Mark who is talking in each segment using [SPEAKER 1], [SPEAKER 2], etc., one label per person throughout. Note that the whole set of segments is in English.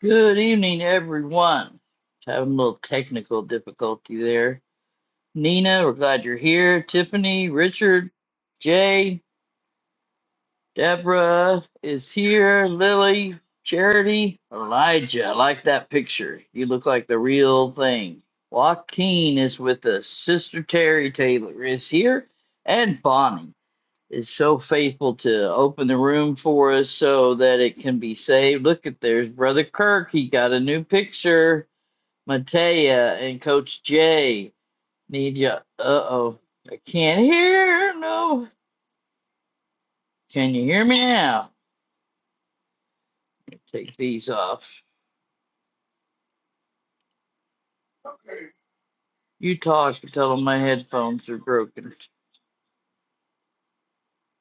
[SPEAKER 1] Good evening, everyone. Having a little technical difficulty there. Nina, we're glad you're here. Tiffany, Richard, Jay, Deborah is here. Lily, Charity, Elijah. I like that picture. You look like the real thing. Joaquin is with us. Sister Terry Taylor is here. And Bonnie is so faithful to open the room for us so that it can be saved. Look at there's Brother Kirk. He got a new picture. Matea and Coach Jay need you. Uh oh, I can't hear. No, can you hear me now? Take these off. Okay. You talk until my headphones are broken.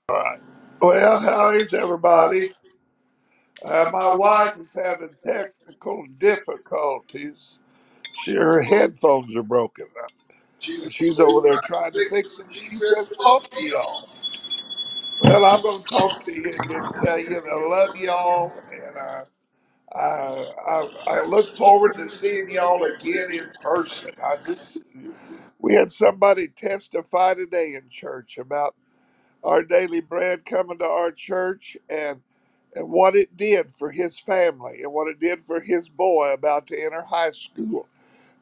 [SPEAKER 2] All right.
[SPEAKER 1] Well,
[SPEAKER 2] Well, how
[SPEAKER 1] how is
[SPEAKER 2] is everybody?
[SPEAKER 1] everybody.
[SPEAKER 2] Uh,
[SPEAKER 1] Uh,
[SPEAKER 2] my
[SPEAKER 1] My
[SPEAKER 2] wife
[SPEAKER 1] wife
[SPEAKER 2] is
[SPEAKER 1] is
[SPEAKER 2] having
[SPEAKER 1] having technical
[SPEAKER 2] technical
[SPEAKER 1] difficulties.
[SPEAKER 2] difficulties. She,
[SPEAKER 1] She
[SPEAKER 2] her headphones are broken. Uh,
[SPEAKER 1] she's
[SPEAKER 2] She's
[SPEAKER 1] over there
[SPEAKER 2] over there
[SPEAKER 1] trying to gonna
[SPEAKER 2] trying to
[SPEAKER 1] fix it.
[SPEAKER 2] fix it.
[SPEAKER 1] She
[SPEAKER 2] She says,
[SPEAKER 1] says,
[SPEAKER 2] talk
[SPEAKER 1] "Fuck
[SPEAKER 2] to
[SPEAKER 1] you,"
[SPEAKER 2] y'all.
[SPEAKER 1] and "I'm
[SPEAKER 2] Well, I'm going
[SPEAKER 1] gonna
[SPEAKER 2] to talk
[SPEAKER 1] call
[SPEAKER 2] to
[SPEAKER 1] you." And
[SPEAKER 2] you and
[SPEAKER 1] I
[SPEAKER 2] just tell you that I love
[SPEAKER 1] love
[SPEAKER 2] y'all.
[SPEAKER 1] y'all.
[SPEAKER 2] And
[SPEAKER 1] And I
[SPEAKER 2] uh,
[SPEAKER 1] I,
[SPEAKER 2] I, I, I look
[SPEAKER 1] look
[SPEAKER 2] forward
[SPEAKER 1] forward
[SPEAKER 2] to
[SPEAKER 1] to seeing
[SPEAKER 2] seeing y'all
[SPEAKER 1] y'all again
[SPEAKER 2] again in
[SPEAKER 1] in
[SPEAKER 2] person.
[SPEAKER 1] person.
[SPEAKER 2] I
[SPEAKER 1] I just,
[SPEAKER 2] just, we had somebody testify today in church about Our Daily Bread coming to our church and and what it did for his family and what it did for his boy about to enter high school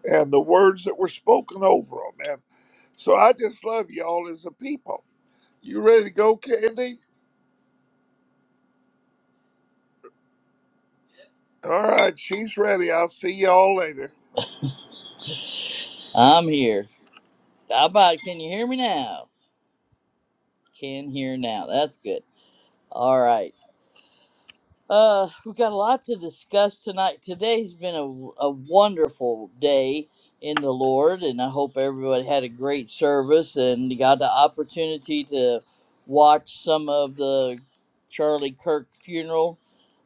[SPEAKER 2] and the words that were spoken over him. And so I just love y'all as a people. You ready to go, Candy? All right, she's ready. I'll see y'all later.
[SPEAKER 1] I'm here. How about can you hear me now? Can hear now. That's good. All right. Uh, we've got a lot to discuss tonight. Today's been a, a wonderful day in the Lord, and I hope everybody had a great service and got the opportunity to watch some of the Charlie Kirk funeral.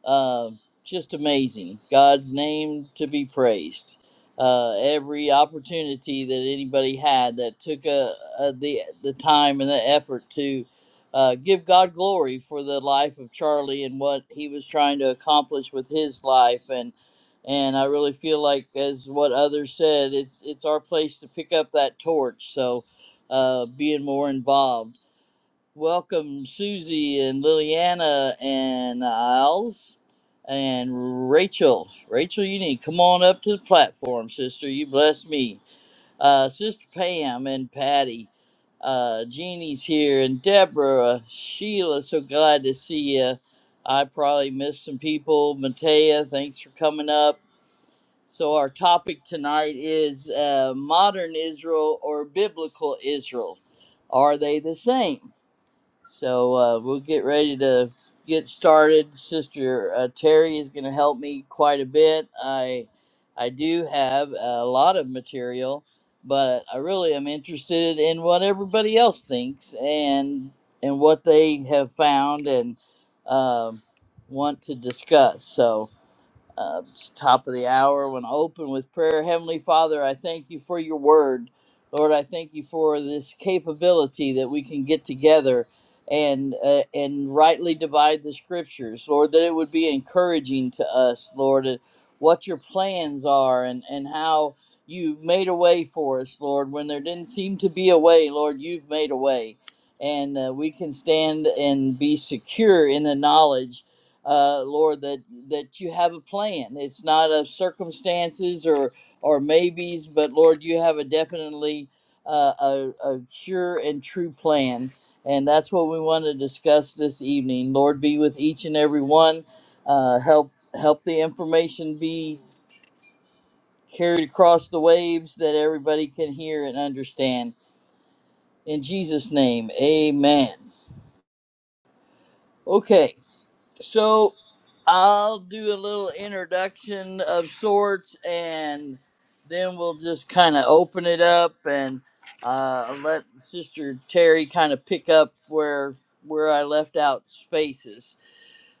[SPEAKER 1] Uh, just amazing. God's name to be praised. Uh, every opportunity that anybody had that took a, a, the the time and the effort to uh, give God glory for the life of Charlie and what he was trying to accomplish with his life and and I really feel like as what others said it's it's our place to pick up that torch so uh, being more involved welcome Susie and Liliana and Isles and Rachel Rachel you need to come on up to the platform sister you bless me uh, Sister Pam and Patty. Uh, Jeannie's here and Deborah, Sheila. So glad to see you. I probably missed some people. Matea, thanks for coming up. So our topic tonight is uh, modern Israel or biblical Israel. Are they the same? So uh, we'll get ready to get started. Sister uh, Terry is going to help me quite a bit. I I do have a lot of material, but I really am interested in what everybody else thinks and and what they have found and um, want to discuss. So uh, it's top of the hour. I want to open with prayer. Heavenly Father, I thank you for your word. Lord, I thank you for this capability that we can get together and uh, and rightly divide the scriptures. Lord, that it would be encouraging to us, Lord, uh, what your plans are and, and how you made a way for us, Lord. When there didn't seem to be a way, Lord, you've made a way. And uh, we can stand and be secure in the knowledge uh, Lord, that that you have a plan. It's not of circumstances or or maybes, but Lord, you have a definitely uh, a, a sure and true plan, and that's what we want to discuss this evening. Lord, be with each and every one. Uh, help help the information be carried across the waves that everybody can hear and understand. In Jesus' name, Amen. Okay. So I'll do a little introduction of sorts, and then we'll just kind of open it up and uh, let Sister Terry kind of pick up where where I left out spaces.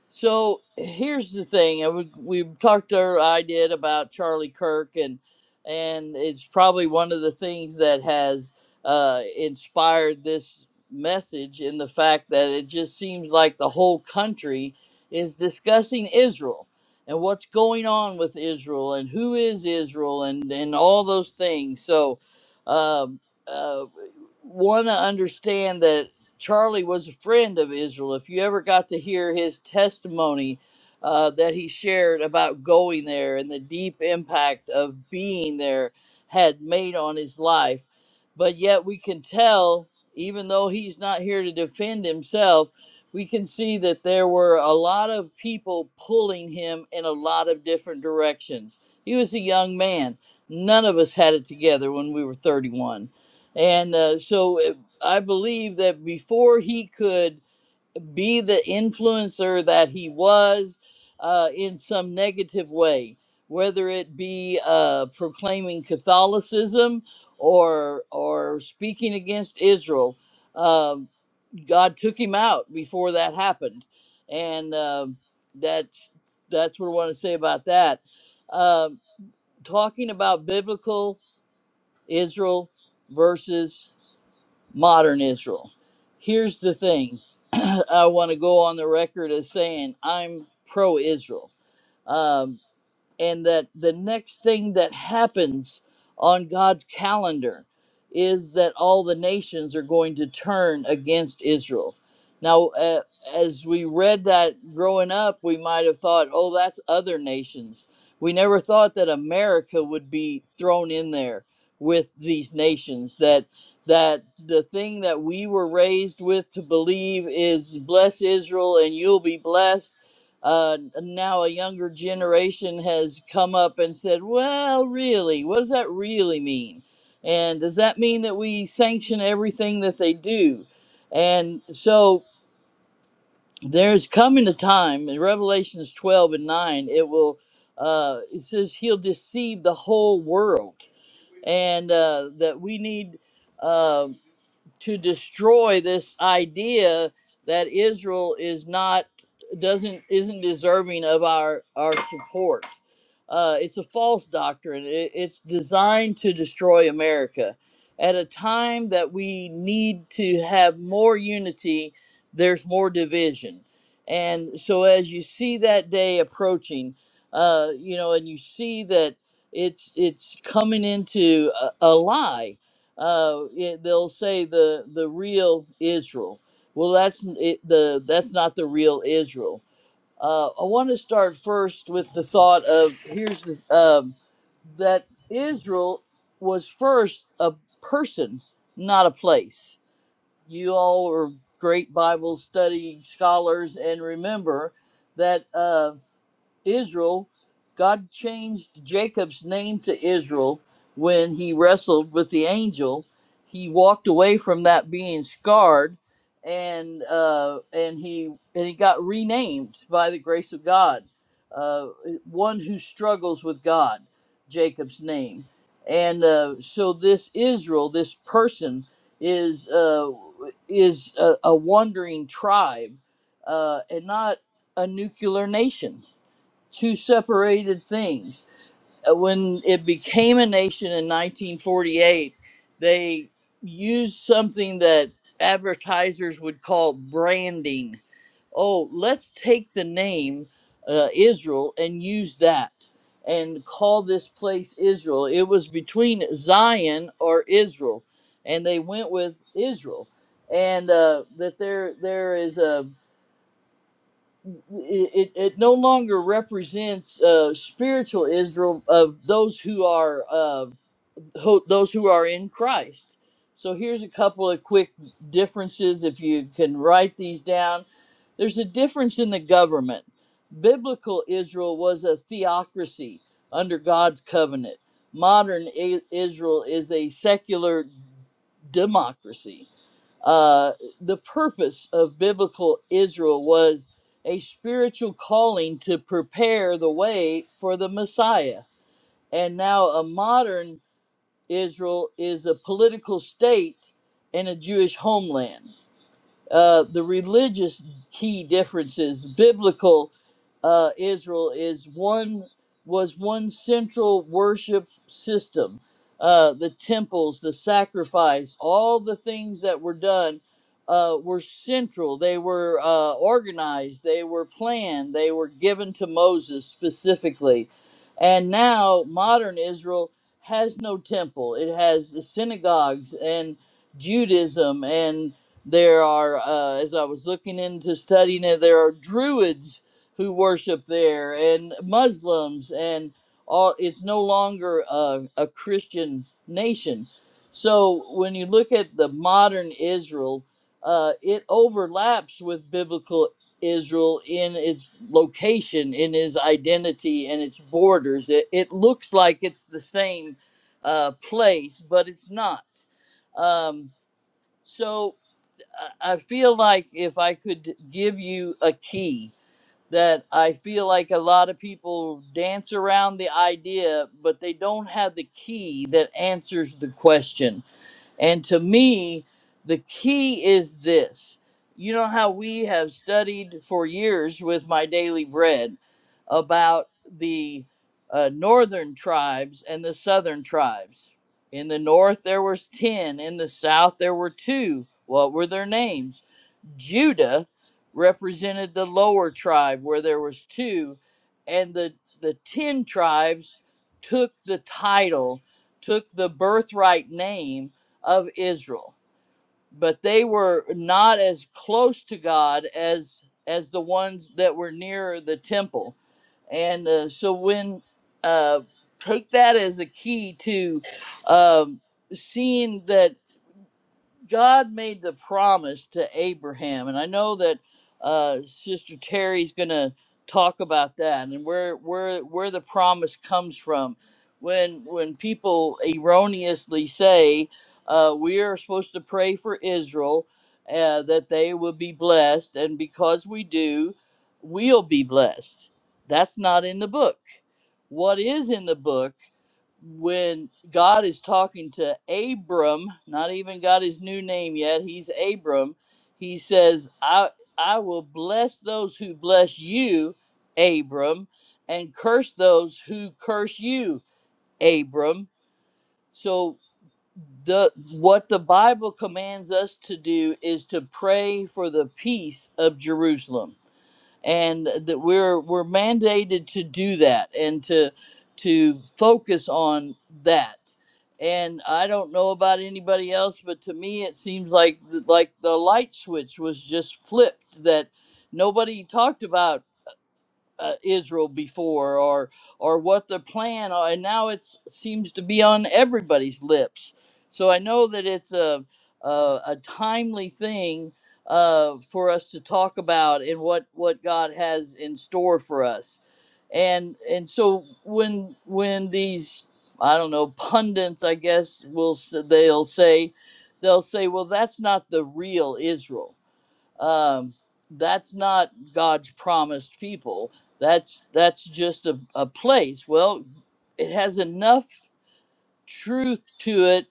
[SPEAKER 1] So here's the thing. I We we talked or I did about Charlie Kirk and and it's probably one of the things that has uh, inspired this message in the fact that it just seems like the whole country is discussing Israel and what's going on with Israel and who is Israel and and all those things. So um, uh, want to understand that. Charlie was a friend of Israel. If you ever got to hear his testimony uh, that he shared about going there and the deep impact of being there had made on his life, but yet we can tell, even though he's not here to defend himself, we can see that there were a lot of people pulling him in a lot of different directions. He was a young man. None of us had it together when we were 31. And uh, so I believe that before he could be the influencer that he was uh, in some negative way, whether it be uh, proclaiming Catholicism or or speaking against Israel, um, God took him out before that happened, and um that's that's what I want to say about that. Um talking about biblical Israel versus modern Israel. Here's the thing I want to go on the record as saying I'm pro Israel and that the next thing that happens on God's calendar is that all the nations are going to turn against Israel. Now, uh, as we read that growing up, we might have thought, oh, that's other nations. We never thought that America would be thrown in there with these nations that that the thing that we were raised with to believe is bless Israel and you'll be blessed uh, now a younger generation has come up and said, well, really, what does that really mean? And does that mean that we sanction everything that they do? And so there's coming a time in Revelations 12 and 9, it will, uh, it says he'll deceive the whole world. And uh, that we need. uh, to destroy this idea that Israel is not doesn't isn't deserving of our our support. Uh, it's a false doctrine. It, it's designed to destroy America. At a time that we need to have more unity, there's more division. And so, as you see that day approaching, uh, you know, and you see that it's it's coming into a, a lie uh, it, they'll say the the real Israel. Well, that's n- it, the that's not the real Israel. Uh, I want to start first with the thought of here's the um, that Israel was first a person, not a place. You all are great Bible study scholars, and remember that. uh. Israel, God changed Jacob's name to Israel when he wrestled with the angel. He walked away from that being scarred, and uh, and he and he got renamed by the grace of God. Uh, one who struggles with God, Jacob's name, and uh, so this Israel, this person, is uh, is a, a wandering tribe, uh, and not a nuclear nation two separated things. Uh, When it became a nation in 1948, they used something that advertisers would call branding. Oh, let's take the name uh, Israel and use that and call this place Israel. It was between Zion or Israel, and they went with Israel. And uh, that there there is a it, it no longer represents uh, spiritual Israel of those who are uh, who, those who are in Christ. So here's a couple of quick differences. If you can write these down, there's a difference in the government. Biblical Israel was a theocracy under God's covenant. Modern I- Israel is a secular democracy. Uh, the purpose of biblical Israel was a spiritual calling to prepare the way for the Messiah. And now a modern Israel is a political state and a Jewish homeland. Uh, the religious key differences. Biblical uh, Israel is one was one central worship system. Uh, the temples, the sacrifice, all the things that were done uh, were central. They were uh, organized. They were planned. They were given to Moses specifically. And now modern Israel has no temple. It has the synagogues and Judaism and there are, uh, as I was looking into studying it, there are Druids who worship there, and Muslims, and all. It's no longer a, a Christian nation. So when you look at the modern Israel, uh, it overlaps with biblical Israel in its location, in its identity, and its borders. It, it looks like it's the same uh, place, but it's not. Um, so I feel like if I could give you a key that I feel like a lot of people dance around the idea, but they don't have the key that answers the question. And to me, the key is this. You know how we have studied for years with my daily bread about the uh, northern tribes and the southern tribes. In the north there was 10, in the south there were 2. What were their names? Judah represented the lower tribe where there was two, and the the ten tribes took the title, took the birthright name of Israel, but they were not as close to God as as the ones that were nearer the temple, and uh, so when uh, take that as a key to um, seeing that. God made the promise to Abraham, and I know that uh, Sister Terry's going to talk about that and where where where the promise comes from. When when people erroneously say uh, we are supposed to pray for Israel uh, that they will be blessed, and because we do, we'll be blessed. That's not in the book. What is in the book? when God is talking to Abram, not even got his new name yet, he's Abram. He says, I I will bless those who bless you, Abram, and curse those who curse you, Abram. So the what the Bible commands us to do is to pray for the peace of Jerusalem and that we're we're mandated to do that and to to focus on that and i don't know about anybody else but to me it seems like like the light switch was just flipped that nobody talked about uh, Israel before or or what the plan are, and now it seems to be on everybody's lips. So I know that it's a a, a timely thing uh, for us to talk about and what what God has in store for us, and and so when when these I don't know pundits I guess will s- they'll say they'll say well that's not the real Israel um, that's not God's promised people. That's that's just a, a place. Well, it has enough truth to it,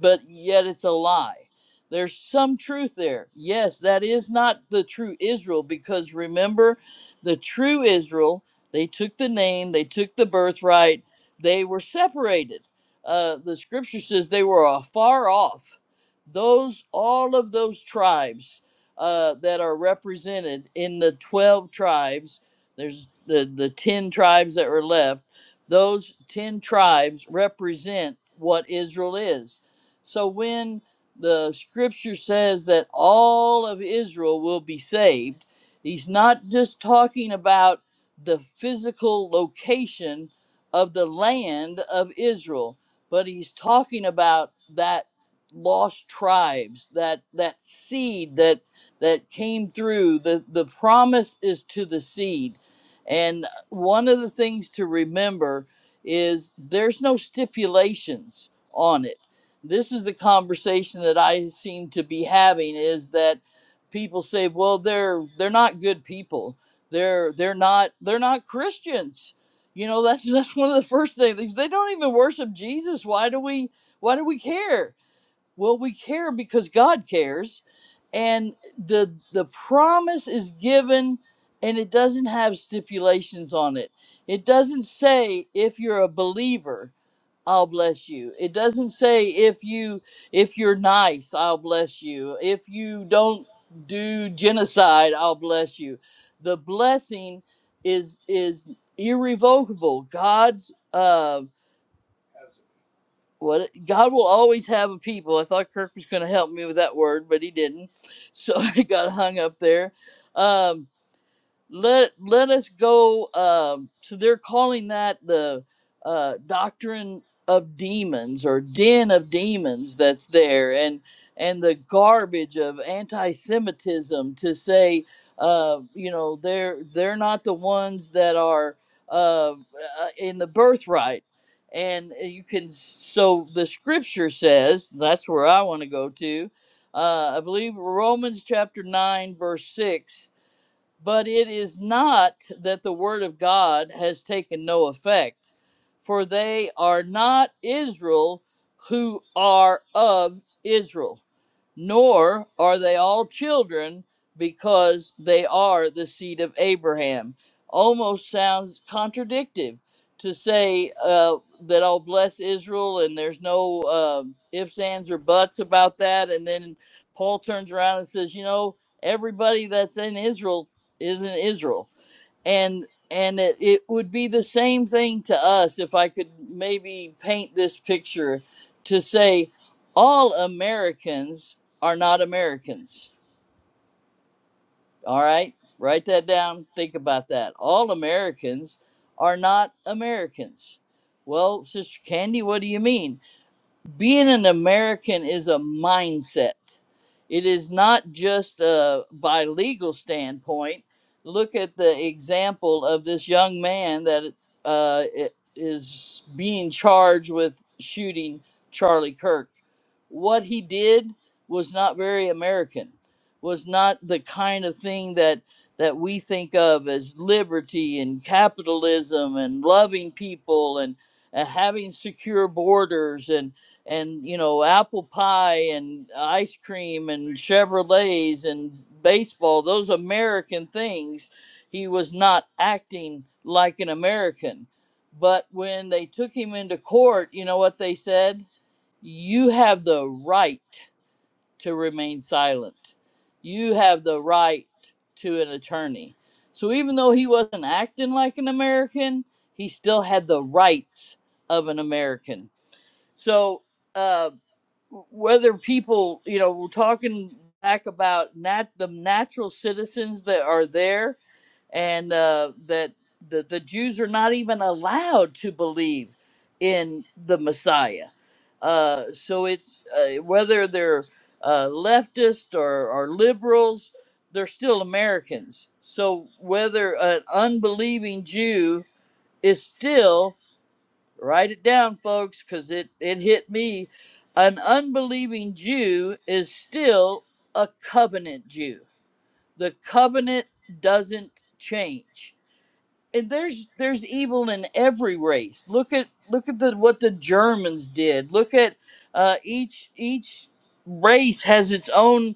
[SPEAKER 1] but yet it's a lie. There's some truth there. Yes, that is not the true Israel because remember, the true Israel, they took the name, they took the birthright, they were separated. Uh, the scripture says they were afar off. Those, all of those tribes uh, that are represented in the 12 tribes, there's the, the 10 tribes that were left those 10 tribes represent what Israel is. So when the scripture says that all of Israel will be saved, he's not just talking about the physical location of the land of Israel, but he's talking about that lost tribes that that seed that that came through the the promise is to the seed and one of the things to remember is there's no stipulations on it. This is the conversation that I seem to be having is that people say, well, they're they're not good people. They're they're not they're not Christians. You know, that's that's one of the first things. They don't even worship Jesus. Why do we why do we care? Well, we care because God cares, and the the promise is given, and it doesn't have stipulations on it. It doesn't say if you're a believer, I'll bless you. It doesn't say if you if you're nice, I'll bless you. If you don't do genocide, I'll bless you. The blessing is is irrevocable. God's uh what God will always have a people. I thought Kirk was going to help me with that word, but he didn't, so I got hung up there. Um, let let us go um so they're calling that the uh doctrine of demons or den of demons that's there and and the garbage of anti-semitism to say uh you know they're they're not the ones that are uh uh, in the birthright and uh, you can so the scripture says that's where i want to go to uh i believe romans chapter 9 verse 6 but it is not that the word of God has taken no effect, for they are not Israel who are of Israel, nor are they all children because they are the seed of Abraham. Almost sounds contradictive to say uh, that I'll bless Israel and there's no uh, ifs, ands, or buts about that. And then Paul turns around and says, you know, everybody that's in Israel is in Israel. And and it, it would be the same thing to us if I could maybe paint this picture to say all Americans are not Americans. All right? Write that down. Think about that. All Americans are not Americans. Well, Sister Candy, what do you mean? being an American is a mindset. It is not just uh, by legal standpoint. Look at the example of this young man that uh, i- is being charged with shooting Charlie Kirk. What he did was not very American. Was not the kind of thing that that we think of as liberty and capitalism and loving people and, and having secure borders and and you know apple pie and ice cream and chevrolets and baseball those american things he was not acting like an american but when they took him into court you know what they said you have the right to remain silent you have the right to an attorney so even though he wasn't acting like an american he still had the rights of an american so uh whether people, you know, we're talking back about nat- the natural citizens that are there and uh, that the, the Jews are not even allowed to believe in the Messiah. Uh, so it's uh, whether they're uh, leftist or, or liberals, they're still Americans. So whether an unbelieving Jew is still Write it down, folks, because it, it hit me. An unbelieving Jew is still a covenant Jew. The covenant doesn't change and there's there's evil in every race. Look at look at the what the Germans did. Look at uh, each each race has its own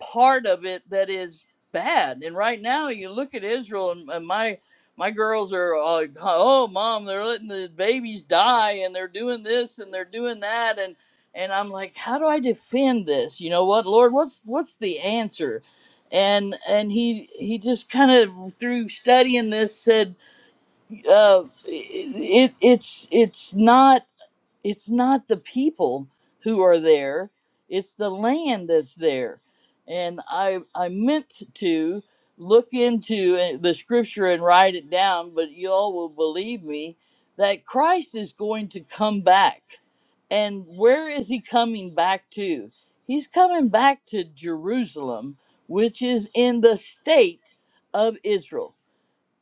[SPEAKER 1] part of it that is bad. And right now, you look at Israel, and, and my my girls are uh, oh mom, they're letting the babies die, and they're doing this and they're doing that, and and I'm like, how do I defend this? You know what, Lord? What's what's the answer? And and he he just kind of through studying this said uh, it it's it's not it's not the people who are there it's the land that's there and i i meant to look into it- the scripture and write it down but you all will believe me that christ is going to come back and where is he coming back to he's coming back to jerusalem which is in the state of israel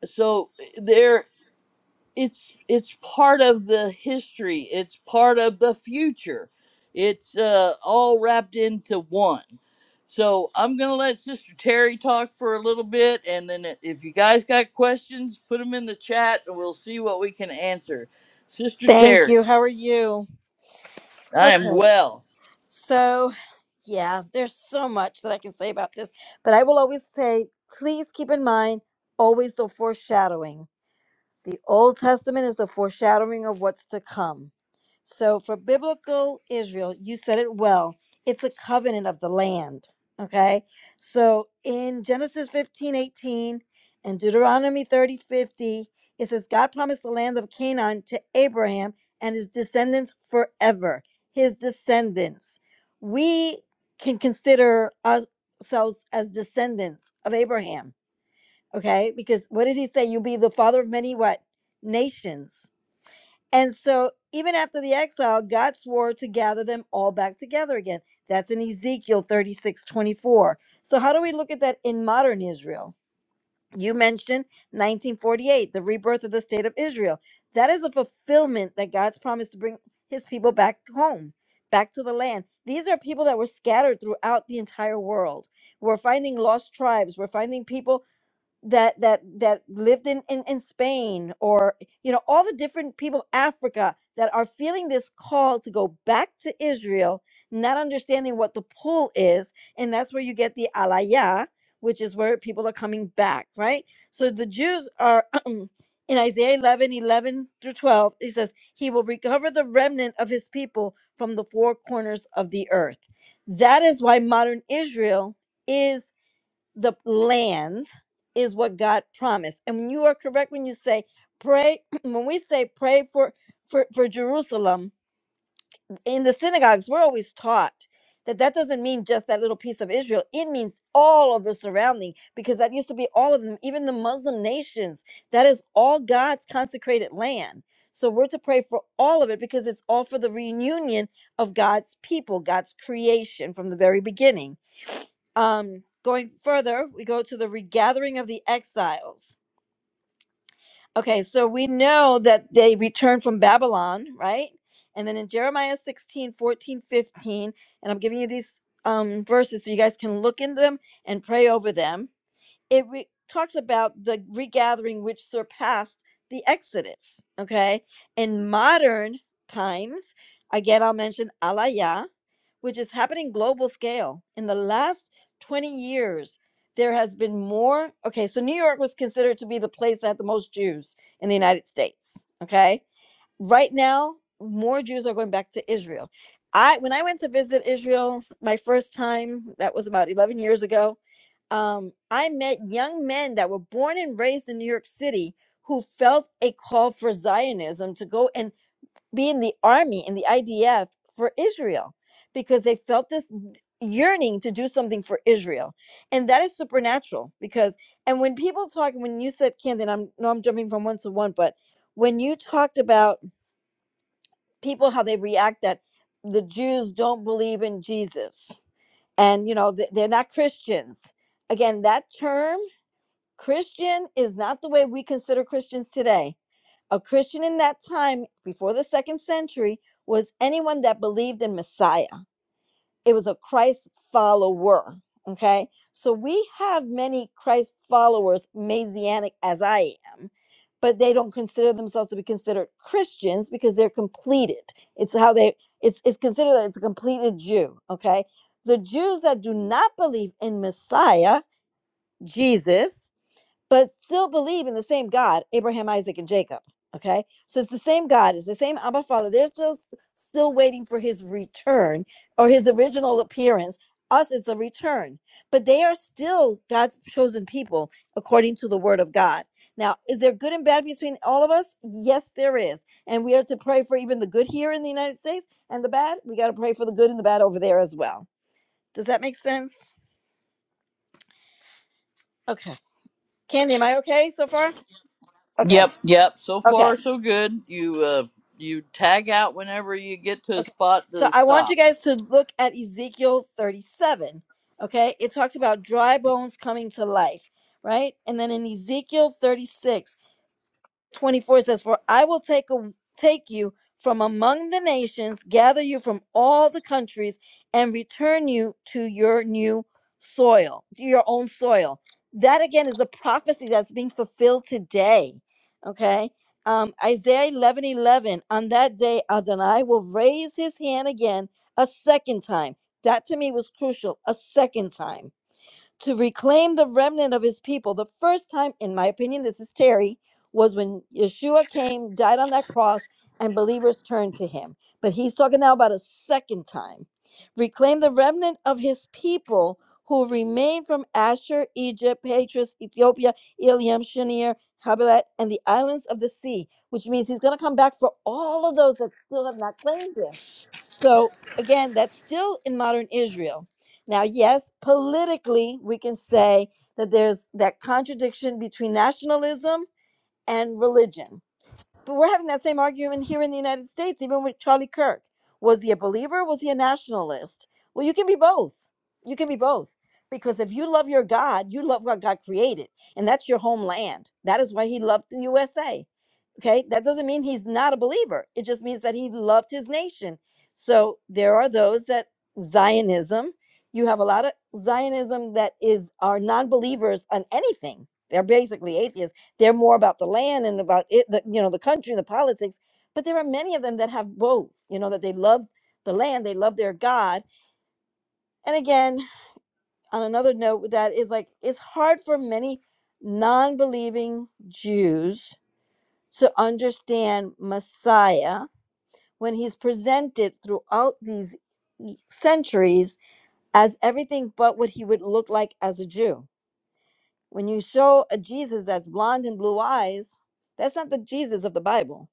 [SPEAKER 1] so eh, there it's it's part of the history it's part of the future it's uh, all wrapped into one so i'm gonna let sister terry talk for a little bit and then i- if you guys got questions put them in the chat and we'll see what we can answer sister
[SPEAKER 3] Thank
[SPEAKER 1] terry
[SPEAKER 3] you. How are you?
[SPEAKER 1] i am
[SPEAKER 3] Okay.
[SPEAKER 1] well
[SPEAKER 3] So, yeah, there's so much that I can say about this, but I will always say please keep in mind always the foreshadowing. The Old Testament is the foreshadowing of what's to come. So for biblical Israel, you said it well. It's a covenant of the land. Okay. So in Genesis 15 18 and Deuteronomy 30 50, it says, God promised the land of Canaan to Abraham and his descendants forever. His descendants. We can consider us- ourselves as descendants of Abraham Okay. Because what did he say? You'll be the father of many what? Nations. And so even after the exile, God swore to gather them all back together again. That's in Ezekiel 36 24. So how do we look at that in modern Israel? You mentioned 1948, the rebirth of the state of Israel. That is a fulfillment that God's promised to bring his people back home, back to the land. These are people that were scattered throughout the entire world. We're finding lost tribes. We're finding people that that that lived in, in in Spain or you know all the different people Africa that are feeling this call to go back to Israel not understanding what the pull is and that's where you get the alaya which is where people are coming back right so the Jews are in Isaiah 11 11 through 12 he says he will recover the remnant of his people from the four corners of the earth that is why modern Israel is the land is what God promised. And you are correct when you say pray. When we say pray for for, for Jerusalem in the synagogues, we're always taught that that doesn't mean just that little piece of Israel. It means all of the surrounding because that used to be all of them, even the Muslim nations. That is all God's consecrated land. So we're to pray for all of it because it's all for the reunion of God's people, God's creation from the very beginning. Um, going further, we go to the regathering of the exiles. Okay, so we know that they returned from Babylon, right? And then in Jeremiah 16 14 15, and I'm giving you these um, verses so you guys can look into them and pray over them. It re- talks about the regathering which surpassed the Exodus, okay? In modern times, again, I'll mention Alaya, which is happening global scale. In the last 20 years, there has been more. Okay, so New York was considered to be the place that had the most Jews in the United States. Okay, right now, more Jews are going back to Israel. I when I went to visit Israel my first time, that was about 11 years ago. Um, I met young men that were born and raised in New York City who felt a call for Zionism to go and be in the army in the IDF for Israel because they felt this yearning to do something for Israel. And that is supernatural because and when people talk when you said Camden, I'm no I'm jumping from one to one, but when you talked about people how they react that the Jews don't believe in Jesus and you know th- they're not Christians. Again, that term Christian is not the way we consider Christians today a Christian in that time, before the second century, was anyone that believed in Messiah. It was a Christ follower. Okay. So we have many Christ followers, Messianic as I am, but they don't consider themselves to be considered Christians because they're completed. It's how they, it's, it's considered that it's a completed Jew. Okay. The Jews that do not believe in Messiah, Jesus, but still believe in the same God, Abraham, Isaac, and Jacob. Okay. So it's the same God, it's the same Abba Father. They're still still waiting for his return or his original appearance. Us, it's a return. But they are still God's chosen people according to the word of God. Now, is there good and bad between all of us? Yes, there is. And we are to pray for even the good here in the United States and the bad. We got to pray for the good and the bad over there as well. Does that make sense? Okay. Candy, am I okay so far? Okay.
[SPEAKER 1] yep yep so far
[SPEAKER 3] Okay.
[SPEAKER 1] so good you uh you tag out whenever you get to a
[SPEAKER 3] Okay.
[SPEAKER 1] spot
[SPEAKER 3] So
[SPEAKER 1] to
[SPEAKER 3] I want you
[SPEAKER 1] stop
[SPEAKER 3] guys to look at Ezekiel 37. Okay. It talks about dry bones coming to life, right? And then in Ezekiel 36, 24 says, For I will take, a, take you from among the nations, gather you from all the countries, and return you to your new soil, to your own soil. That again is a prophecy that's being fulfilled today. Okay. Um, Isaiah 11 11. On that day, Adonai will raise his hand again a second time. That to me was crucial. A second time to reclaim the remnant of his people. The first time, in my opinion, this is Terry, was when Yeshua came, died on that cross, and believers turned to him. But he's talking now about a second time. Reclaim the remnant of his people who remain from Asher, Egypt, Patras, Ethiopia, Eliam, Shinear, Havilah, and the islands of the sea, which means he's going to come back for all of those that still have not claimed him. So again, that's still in modern Israel. Now, yes, politically, we can say that there's that contradiction between nationalism and religion but we're having that same argument here in the United States, even with Charlie Kirk. Was he a believer? Was he a nationalist? Well, you can be both. You can be both. Because if you love your God, you love what God created, and that's your homeland. That is why he loved the USA. Okay, that doesn't mean he's not a believer. It just means that he loved his nation. So there are those that Zionism, you have a lot of Zionism that is are non-believers on anything. They're basically atheists they're more about the land and about it, the, you know, the country and the politics. But there are many of them that have both, you know, that they love the land, they love their God. And again, on another note, with that is like it's hard for many non believing Jews to understand Messiah when he's presented throughout these e, centuries as everything but what he would look like as a Jew. When you show a Jesus that's blonde and blue eyes, that's not the Jesus of the Bible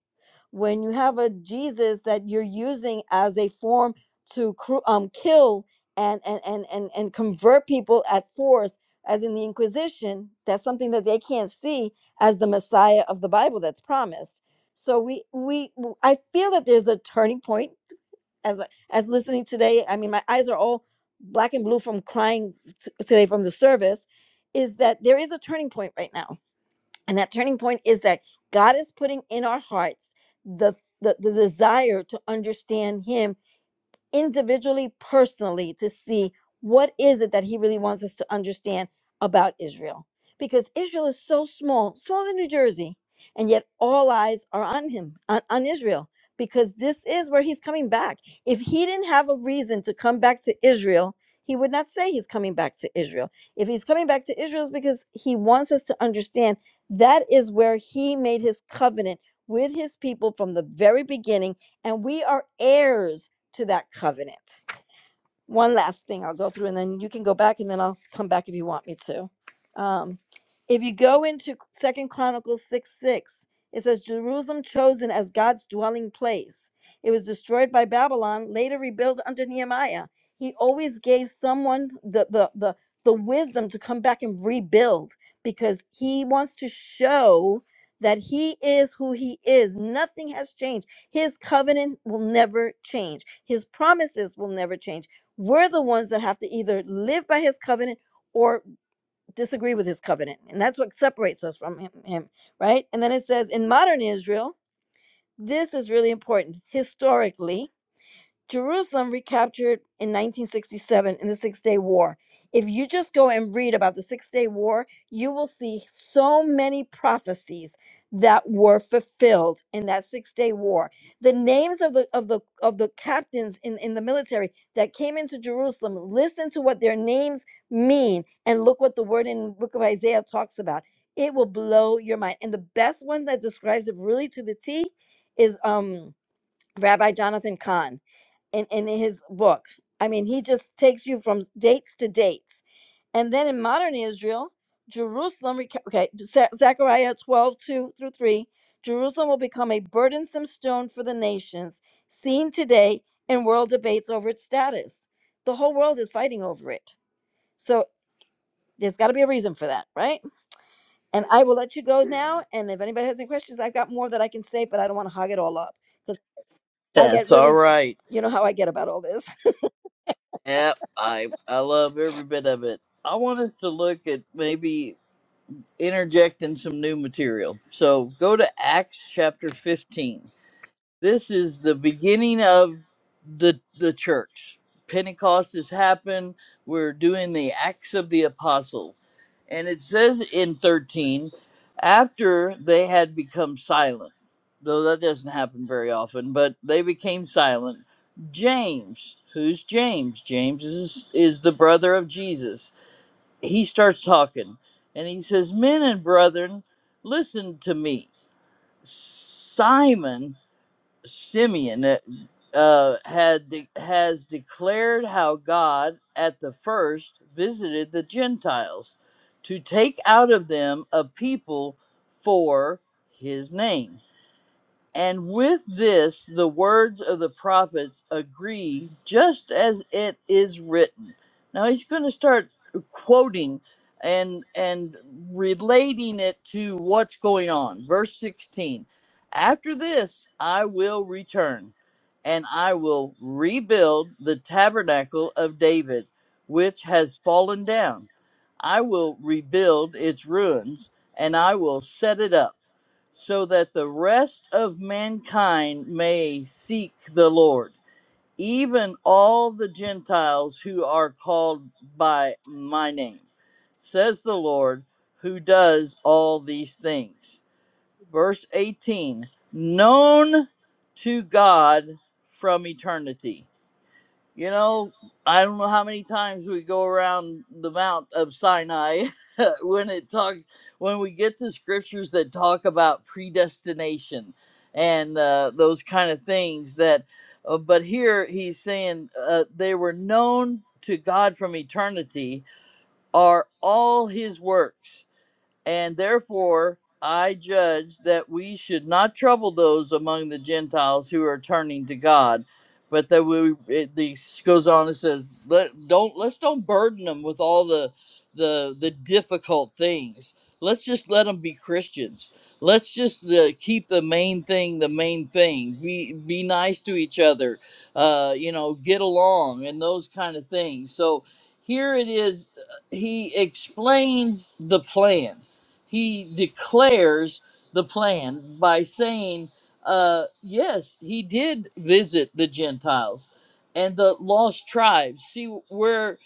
[SPEAKER 3] when you have a Jesus that you're using as a form to cru- um, kill and and, and and and convert people at force, as in the Inquisition, that's something that they can't see as the Messiah of the Bible that's promised. So we we I feel that there's a turning point as I- as listening today. I mean, my eyes are all black and blue from crying t- today from the service. Is that there is a turning point right now? and that turning point is that God is putting in our hearts the, the, the desire to understand Him individually, personally, to see what is it that he really wants us to understand about Israel. Because Israel is so small, smaller than New Jersey, and yet all eyes are on him, on, on Israel, because this is where he's coming back. If he didn't have a reason to come back to Israel, he would not say he's coming back to Israel. If he's coming back to Israel, it's because he wants us to understand that is where he made his covenant with his people from the very beginning, and we are heirs to that covenant one last thing I'll go through and then you can go back and then I'll come back if you want me to. Um, if you go into Second Chronicles 6 6, it says, Jerusalem chosen as God's dwelling place. It was destroyed by Babylon, later rebuilt under Nehemiah. He always gave someone the, the, the, the wisdom to come back and rebuild because he wants to show that he is who he is. Nothing has changed. His covenant will never change, his promises will never change we're the ones that have to either live by his covenant or disagree with his covenant. And that's what separates us from him, him, right? And then it says in modern Israel, this is really important. Historically, Jerusalem recaptured in 1967 in the Six Day War. If you just go and read about the Six Day War, you will see so many prophecies that were fulfilled in that Six Day War. The names of the of the of the captains in, in the military that came into Jerusalem, listen to what their names mean and look what the word in the book of Isaiah talks about. It will blow your mind. And the best one that describes it really to the T is um Rabbi Jonathan Kahn in, in his book. I mean, he just takes you from dates to dates. And then in modern Israel, Jerusalem, reca- okay, Ze- Zechariah 12, two through 3, Jerusalem will become a burdensome stone for the nations, seen today in world debates over its status. The whole world is fighting over it. So there's got to be a reason for that, right? And I will let you go now. And if anybody has any questions, I've got more that I can say, but I don't want to hog it all up because I get
[SPEAKER 1] that's all
[SPEAKER 3] really,
[SPEAKER 1] right
[SPEAKER 3] you know how I get about all this.
[SPEAKER 1] Yep, I I love every bit of it. I want us to look at maybe interjecting some new material. So go to Acts chapter 15. This is the beginning of the the church. Pentecost has happened. We're doing the Acts of the Apostle. And it says in 13, after they had become silent, though that doesn't happen very often, but they became silent. James, who's James? James is, is the brother of Jesus. He starts talking and he says, Men and brethren, listen to me. Simon Simeon uh, uh, had de- has declared how God at the first visited the Gentiles to take out of them a people for his name. And with this, the words of the prophets agree, just as it is written. Now he's going to start quoting and and relating it to what's going on. Verse 16. After this, I will return, and I will rebuild the tabernacle of David, which has fallen down. I will rebuild its ruins, and I will set it up so that the rest of mankind may seek the Lord, even all the Gentiles who are called by my name, says the Lord, who does all these things. Verse 18 Known to God from eternity you know, I don't know how many times we go around the Mount of Sinai when it talks when we get to scriptures that talk about predestination and uh, those kind of things. That, uh, but here he's saying uh, they were known to God from eternity are all His works and therefore, I judge that we should not trouble those among the Gentiles who are turning to God, but that we it this goes on and says, Let, don't let's don't burden them with all the the the difficult things. Let's just let them be Christians. Let's just uh, keep the main thing the main thing. Be be nice to each other. Uh, you know, get along and those kind of things. So here it is. uh, He explains the plan he declares the plan by saying, uh, yes, he did visit the Gentiles and the lost tribes. See where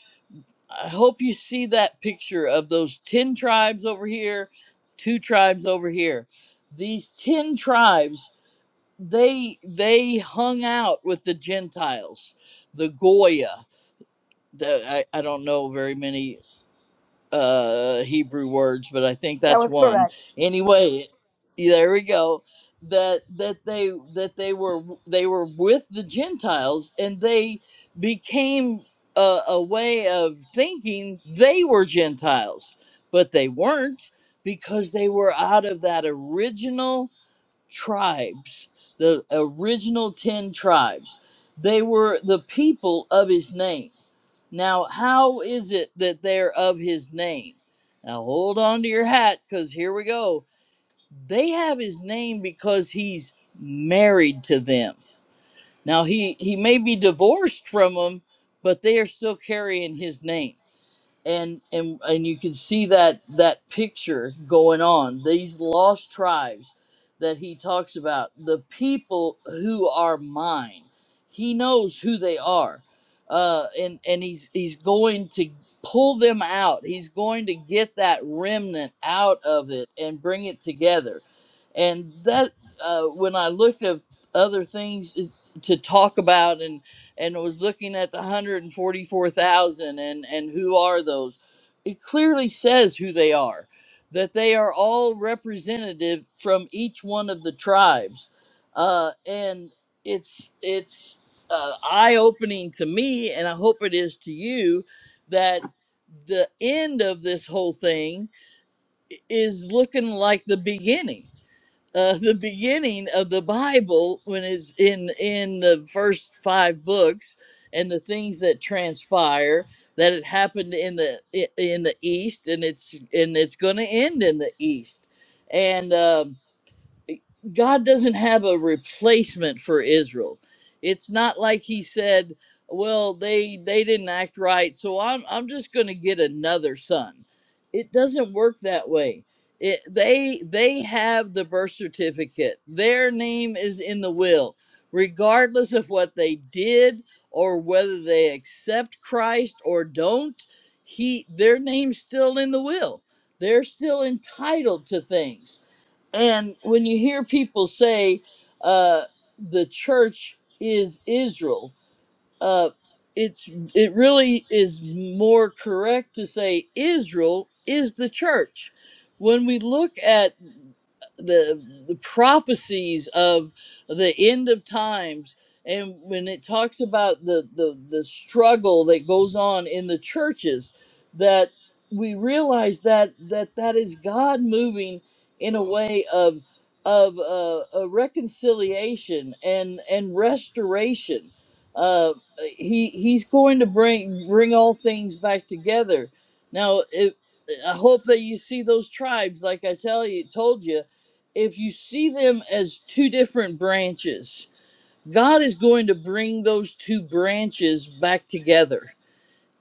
[SPEAKER 1] I hope you see that picture of those 10 tribes over here, two tribes over here. These 10 tribes, they they hung out with the Gentiles, the Goya. The, I, I don't know very many uh Hebrew words, but I think
[SPEAKER 3] That
[SPEAKER 1] that's
[SPEAKER 3] was
[SPEAKER 1] one.
[SPEAKER 3] correct.
[SPEAKER 1] Anyway, there we go. That that they that they were they were with the Gentiles and they became a, a way of thinking they were Gentiles, but they weren't because they were out of that original tribes, the original ten tribes. They were the people of his name now, how is it that they're of his name? Now, hold on to your hat because here we go. They have his name because he's married to them. Now, he, he may be divorced from them, but they are still carrying his name and and and you can see that that picture going on these lost tribes that he talks about the people who are mine he knows who they are uh and and he's he's going to pull them out he's going to get that remnant out of it and bring it together and that uh when i looked at other things is- to talk about and was looking at the 144,000 and and who are those? It clearly says who they are. That they are all representative from each one of the tribes. Uh and it's it's uh, eye-opening to me and I hope it is to you that the end of this whole thing i- is looking like the beginning uh, the beginning of the Bible when it's in in the first five books and the things that transpire that it happened in the i- in the east and it's and it's going to end in the east and uh, God doesn't have a replacement for Israel. It's not like he said, "Well, they they didn't act right, so I'm I'm just going to get another son." It doesn't work that way. It, they they have the birth certificate. Their name is in the will, regardless of what they did or whether they accept Christ or don't. He their name's still in the will. They're still entitled to things and when you hear people say uh, the church is Israel, uh, it's it really is more correct to say Israel is the church. When we look at the the prophecies of the end of times and when it talks about the the, the struggle that goes on in the churches that we realize that that that is god moving in a way of of uh, a reconciliation and and restoration uh he he's going to bring bring all things back together now if I hope that you see those tribes, like I tell you, told you, if you see them as two different branches, God is going to bring those two branches back together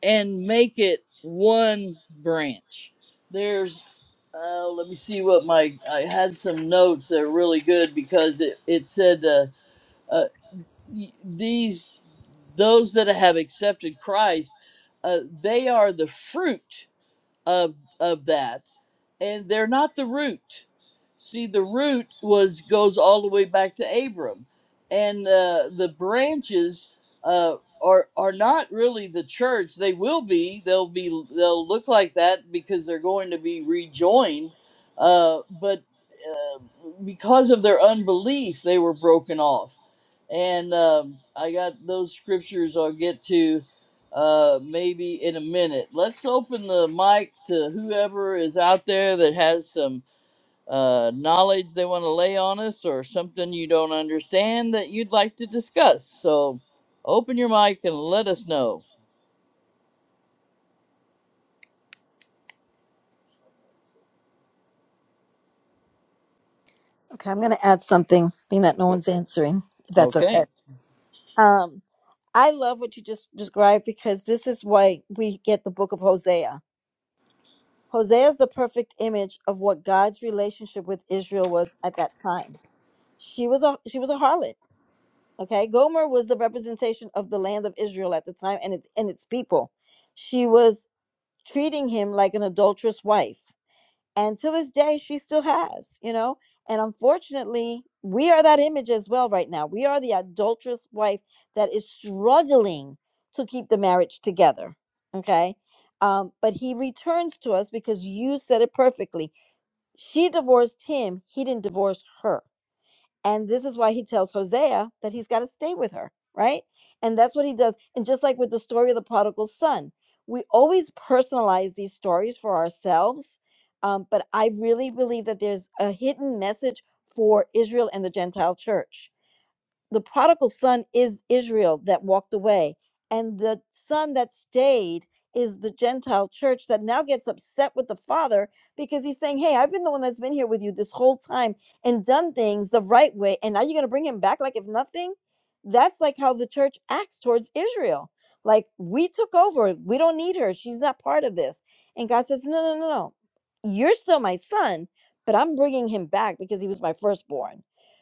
[SPEAKER 1] and make it one branch. There's, uh, let me see what my, I had some notes that are really good because it, it said, uh, uh, y- these, those that have accepted Christ, uh, they are the fruit of of that and they're not the root see the root was goes all the way back to abram and uh, the branches uh, are are not really the church they will be they'll be they'll look like that because they're going to be rejoined uh, but uh, because of their unbelief they were broken off and um, I got those scriptures I'll get to uh, maybe in a minute. Let's open the mic to whoever is out there that has some uh, knowledge they want to lay on us or something you don't understand that you'd like to discuss. So open your mic and let us know.
[SPEAKER 3] Okay, I'm going to add something, being that no one's answering, if that's okay.
[SPEAKER 1] Okay.
[SPEAKER 3] Um, I love what you just described because this is why we get the book of Hosea. Hosea is the perfect image of what God's relationship with Israel was at that time. She was a she was a harlot. Okay, Gomer was the representation of the land of Israel at the time and its and its people. She was treating him like an adulterous wife. and to this day she still has you know and unfortunately we are that image as well right now we are the adulterous wife that is struggling to keep the marriage together okay um, but he returns to us because you said it perfectly she divorced him he didn't divorce her and this is why he tells Hosea that he's got to stay with her, right? And that's what he does. And just like with the story of the prodigal son, we always personalize these stories for ourselves. Um, but I really believe that there's a hidden message for Israel and the Gentile church the prodigal son is Israel that walked away, and the son that stayed is the Gentile church that now gets upset with the father because he's saying, Hey, I've been the one that's been here with you this whole time and done things the right way, and now you're going to bring him back like if nothing? That's like how the church acts towards Israel. Like, we took over, we don't need her, she's not part of this. And God says, No, no, no, no, you're still my son, but I'm bringing him back because he was my firstborn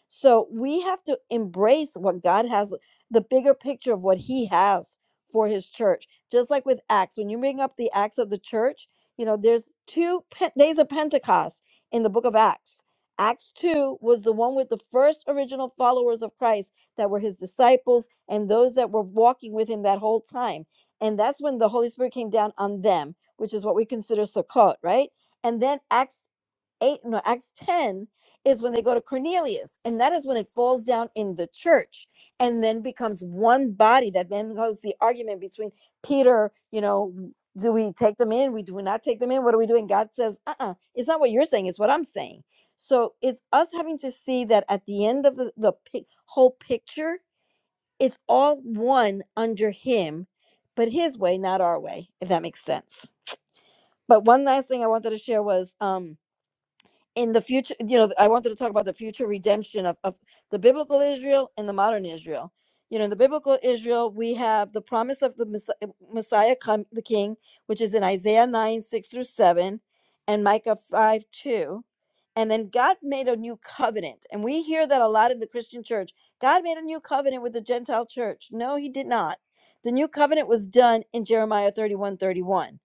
[SPEAKER 3] so we have to embrace what God has, the bigger picture of what He has for His church. Just like with Acts, when you bring up the Acts of the church, you know, there's two pe- days of Pentecost in the book of Acts. Acts 2 was the one with the first original followers of Christ that were his disciples and those that were walking with him that whole time. And that's when the Holy Spirit came down on them, which is what we consider Sukkot, right? And then Acts 8 no acts 10 is when they go to cornelius and that is when it falls down in the church and then becomes one body that then goes the argument between peter you know do we take them in we do we not take them in what are we doing god says uh-uh it's not what you're saying it's what i'm saying so it's us having to see that at the end of the, the pic- whole picture it's all one under him but his way not our way if that makes sense but one last thing i wanted to share was um in the future you know i wanted to talk about the future redemption of, of the biblical israel and the modern israel you know in the biblical israel we have the promise of the messiah, messiah come the king which is in isaiah 9 6 through 7 and micah 5 2 and then god made a new covenant and we hear that a lot in the christian church god made a new covenant with the gentile church no he did not the new covenant was done in jeremiah 31 31,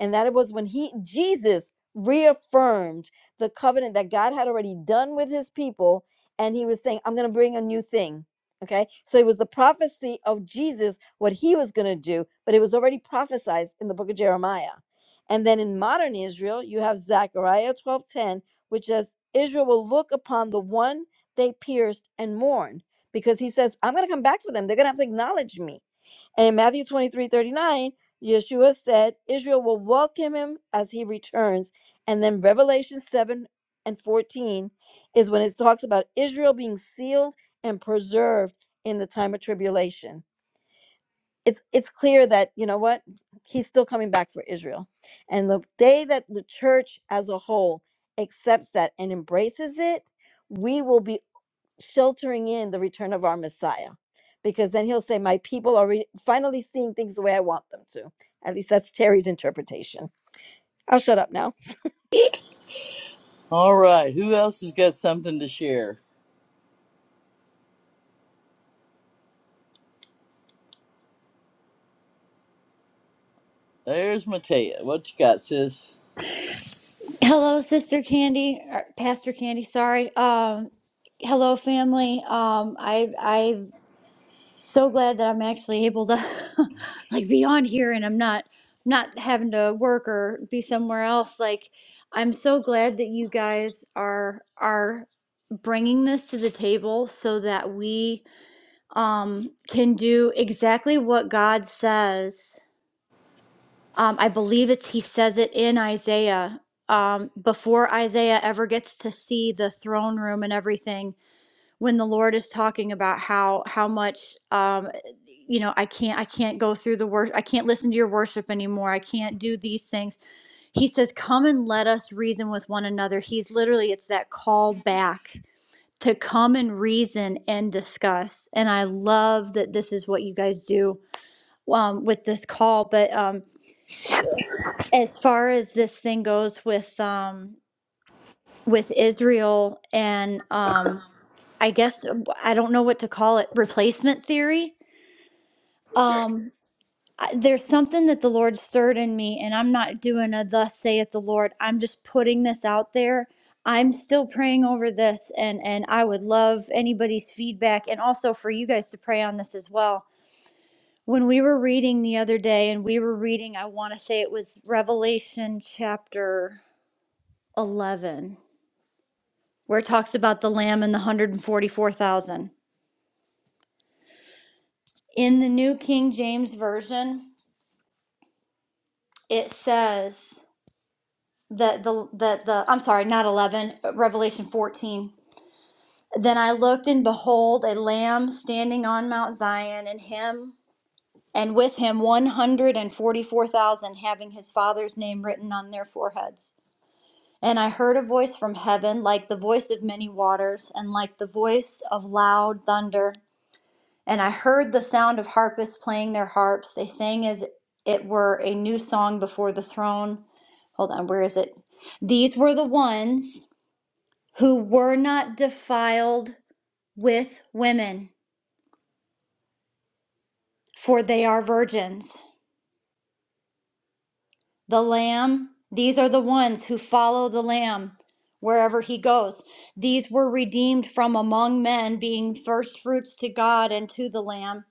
[SPEAKER 3] and that it was when he jesus reaffirmed the covenant that God had already done with his people. And he was saying, I'm going to bring a new thing. Okay. So it was the prophecy of Jesus, what he was going to do, but it was already prophesied in the book of Jeremiah. And then in modern Israel, you have Zechariah 12:10, which says, Israel will look upon the one they pierced and mourn. Because he says, I'm going to come back for them. They're going to have to acknowledge me. And in Matthew 23 39, Yeshua said, Israel will welcome him as he returns. And then Revelation 7 and 14 is when it talks about Israel being sealed and preserved in the time of tribulation. It's, it's clear that, you know what? He's still coming back for Israel. And the day that the church as a whole accepts that and embraces it, we will be sheltering in the return of our Messiah. Because then he'll say, My people are re- finally seeing things the way I want them to. At least that's Terry's interpretation. I'll shut up now.
[SPEAKER 1] All right. Who else has got something to share? There's Matea. What you got, sis?
[SPEAKER 4] Hello, Sister Candy, or Pastor Candy. Sorry. Um, hello, family. Um, I I'm so glad that I'm actually able to like be on here, and I'm not not having to work or be somewhere else. Like, I'm so glad that you guys are are bringing this to the table so that we um can do exactly what God says um, I believe it's he says it in Isaiah um, before Isaiah ever gets to see the throne room and everything. When the Lord is talking about how how much um, you know, I can't I can't go through the worship. I can't listen to your worship anymore. I can't do these things. He says, "Come and let us reason with one another." He's literally it's that call back to come and reason and discuss. And I love that this is what you guys do um, with this call, but. Um, as far as this thing goes with um with Israel and um I guess I don't know what to call it replacement theory
[SPEAKER 1] It's
[SPEAKER 4] um I, there's something that the Lord stirred in me and I'm not doing a thus saith the Lord I'm just putting this out there I'm still praying over this and and I would love anybody's feedback and also for you guys to pray on this as well when we were reading the other day and we were reading I want to say it was Revelation chapter 11 where it talks about the lamb and the 144,000. In the New King James Version, it says that the that the I'm sorry, not 11, Revelation 14. Then I looked and behold a lamb standing on Mount Zion and him and with him 144,000 having his father's name written on their foreheads. And I heard a voice from heaven like the voice of many waters and like the voice of loud thunder And I heard the sound of harpists playing their harps. They sang as it were a new song before the throne. Hold on, where is it? These were the ones who were not defiled with women, for they are virgins. The Lamb, these are the ones who follow the Lamb wherever he goes. These were redeemed from among men, being firstfruits to God and to the Lamb.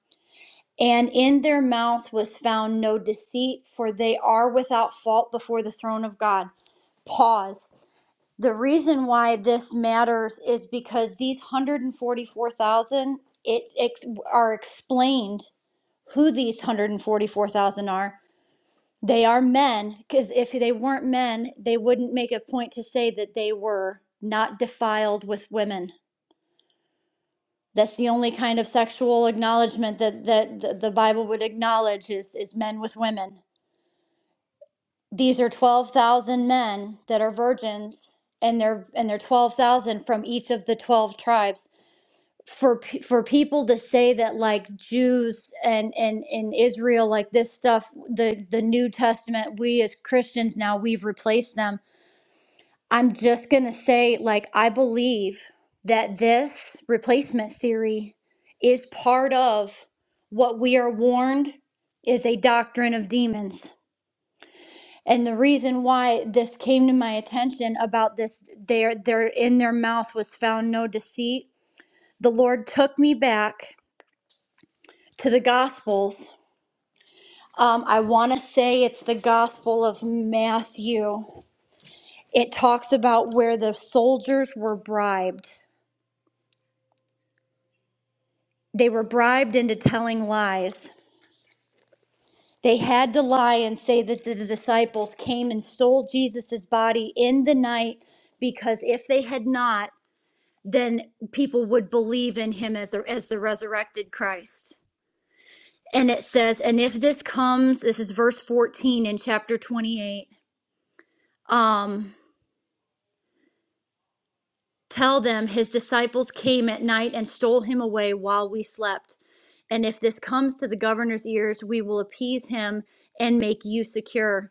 [SPEAKER 4] And in their mouth was found no deceit, for they are without fault before the throne of God. Pause. The reason why this matters is because these 144,000 it ex- are explained who these 144,000 are. They are men, because if they weren't men, they wouldn't make a point to say that they were not defiled with women. That's the only kind of sexual acknowledgement that, that the the Bible would acknowledge is, is men with women these are 12,000 men that are virgins and they're and they're 12,000 from each of the 12 tribes for pe- for people to say that like Jews and and in Israel like this stuff the the New Testament we as Christians now we've replaced them I'm just going to say like I believe that this replacement theory is part of what we are warned is a doctrine of demons and the reason why this came to my attention about this, their their in their mouth was found no deceit. The Lord took me back to the Gospels. Um, I want to say it's the Gospel of Matthew. It talks about where the soldiers were bribed. They were bribed into telling lies. They had to lie and say that the disciples came and stole Jesus' body in the night because if they had not, then people would believe in him as the, as the resurrected Christ. And it says, and if this comes, this is verse 14 in chapter 28. Um, tell them his disciples came at night and stole him away while we slept. And if this comes to the governor's ears, we will appease him and make you secure.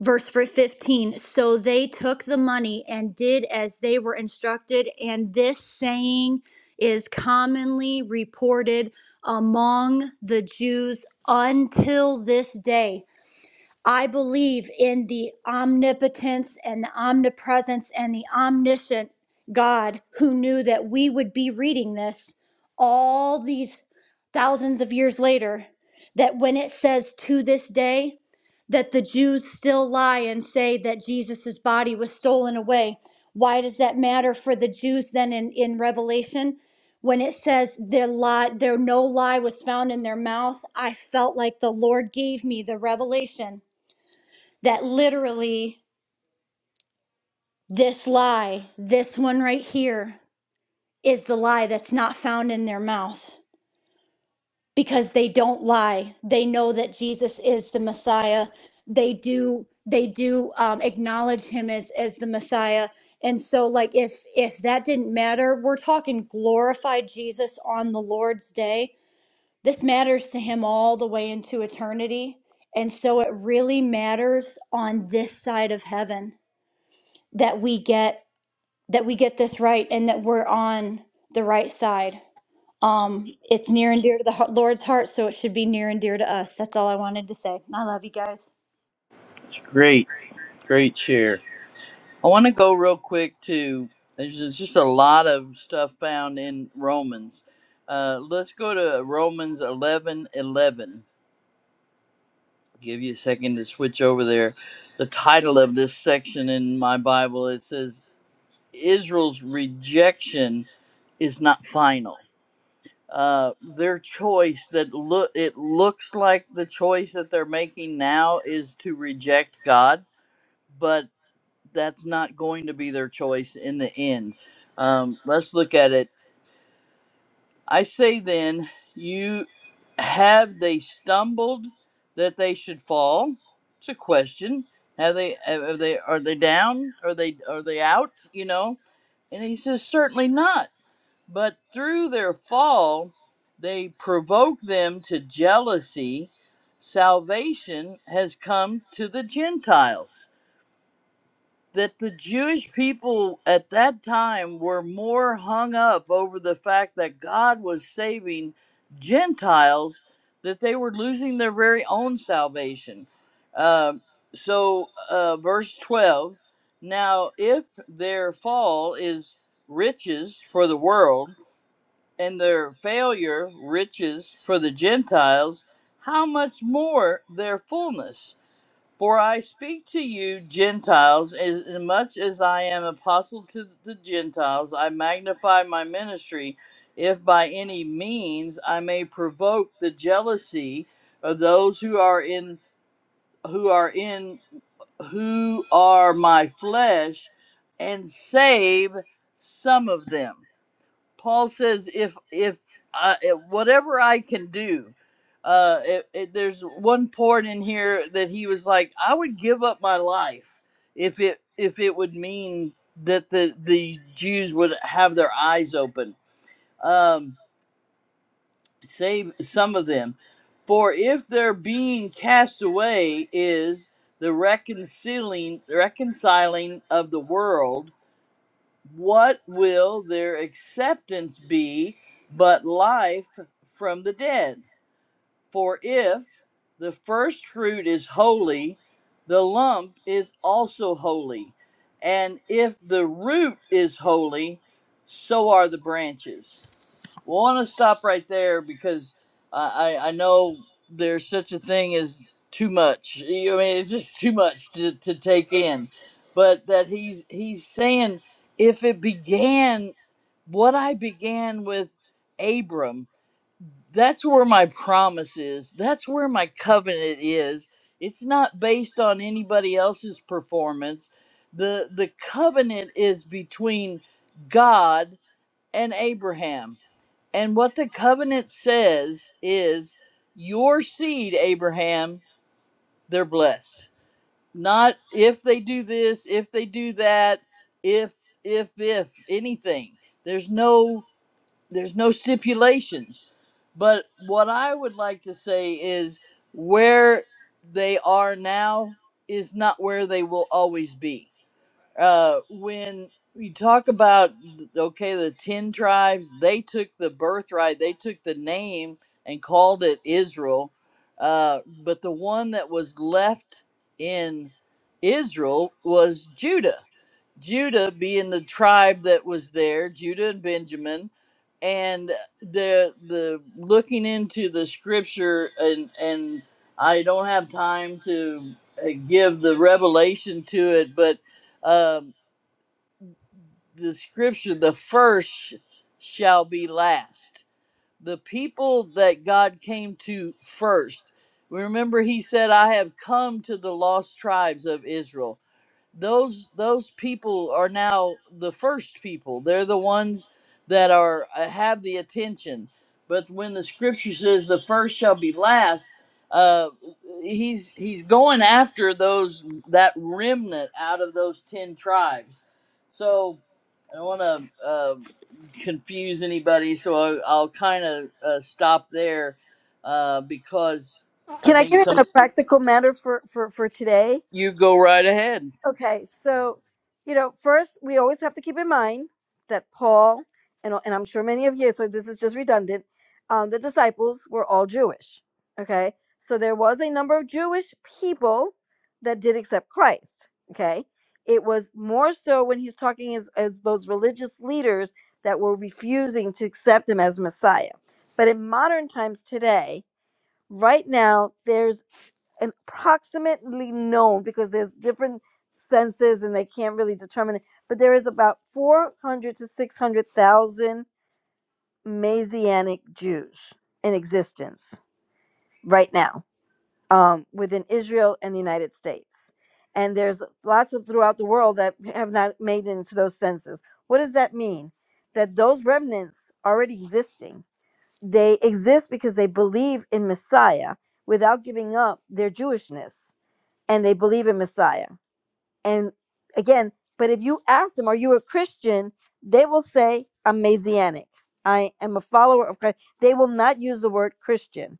[SPEAKER 4] verse 15 so they took the money and did as they were instructed and this saying is commonly reported among the jews until this day I believe in the omnipotence and the omnipresence and the omniscient God who knew that we would be reading this all these thousands of years later. That when it says to this day, that the Jews still lie and say that Jesus' body was stolen away. Why does that matter for the Jews then in, in Revelation? When it says their lie, their no lie was found in their mouth, I felt like the Lord gave me the revelation that literally this lie, this one right here, is the lie that's not found in their mouth because they don't lie. They know that Jesus is the Messiah. They do they do um, acknowledge him as as the Messiah. And so, like if if that didn't matter, we're talking glorified Jesus on the Lord's day. This matters to him all the way into eternity. And so it really matters on this side of heaven that we get that we get this right and that we're on the right side. Um, it's near and dear to the Lord's heart, so it should be near and dear to us. That's all I wanted to say. I love you guys.
[SPEAKER 1] great. Great share. I want to go real quick to there's just, just a lot of stuff found in Romans. Uh, let's go to Romans 11 11. Give you a second to switch over there. The title of this section in my Bible it says Israel's rejection is not final. Uh, their choice that look it looks like the choice that they're making now is to reject God, but that's not going to be their choice in the end. Um, let's look at it. I say then, you have they stumbled that they should fall? It's a question. Have they? Are they? Are they down? Are they? Are they out? You know. And he says, certainly not. But through their fall, they provoke them to jealousy. Salvation has come to the Gentiles that the Jewish people at that time were more hung up over the fact that God was saving Gentiles that they were losing their very own salvation. Um so, uh, verse 12 now, if their fall is riches for the world, and their failure riches for the Gentiles, how much more their fullness? For I speak to you, Gentiles, as much as I am apostle to the Gentiles, I magnify my ministry, if by any means I may provoke the jealousy of those who are in who are in who are my flesh, and save some of them. Paul says, if if I, if- whatever I can do, uh, it, it, there's one part in here that he was like, I would give up my life if it if it would mean that the the Jews would have their eyes open, um, save some of them, for if their being cast away is the reconciling reconciling of the world what will their acceptance be but life from the dead? For if the first fruit is holy, the lump is also holy. And if the root is holy, so are the branches. Well, I want to stop right there because I, I I know there's such a thing as too much. You- I mean, it's just too much to, to take in. But that he's he's saying if it began what I began with Abram, that's where my promise is. That's where my covenant is. It's not based on anybody else's performance. The the covenant is between God and Abraham. And what the covenant says is your seed, Abraham, they're blessed. Not if they do this, if they do that, if if if anything. There's no there's no stipulations. But what I would like to say is where they are now is not where they will always be uh, when you talk about okay, the ten tribes, they took the birthright, they took the name and called it Israel, uh, but the one that was left in Israel was Judah. Judah being the tribe that was there, Judah and Benjamin, and the the looking into the scripture and and I don't have time to uh, give the revelation to it, but um, the scripture, the first shall be last. The people that God came to first. Remember, he said, I have come to the lost tribes of Israel those those people are now the first people. They're the ones that are uh, have the attention. But when the scripture says the first shall be last, uh, he's he's going after those that remnant out of those ten tribes. So I don't want to uh, confuse anybody, so I'll, I'll kind of uh, stop there uh, because I
[SPEAKER 3] Can I give
[SPEAKER 1] think
[SPEAKER 3] it in
[SPEAKER 1] some
[SPEAKER 3] a practical manner for, for, for today?
[SPEAKER 1] you go right ahead.
[SPEAKER 3] Okay, so you know, first we always have to keep in mind that Paul and and I'm sure many of you, so this is just redundant. Um, the disciples were all Jewish. Okay, so there was a number of Jewish people that did accept Christ. Okay, it was more so when he's talking as, as those religious leaders that were refusing to accept him as Messiah. But in modern times today, right now, there's and approximately known because there's different census and they can't really determine it. But there is about 400 to 600,000 Messianic Jews in existence right now um, within Israel and the United States. And there's lots of throughout the world that have not made it into those census. What does that mean? That those remnants already existing. They exist because they believe in Messiah without giving up their Jewishness and they believe in Messiah. And again, but if you ask them, are you a Christian? They will say, I'm Messianic. I am a follower of Christ. They will not use the word Christian,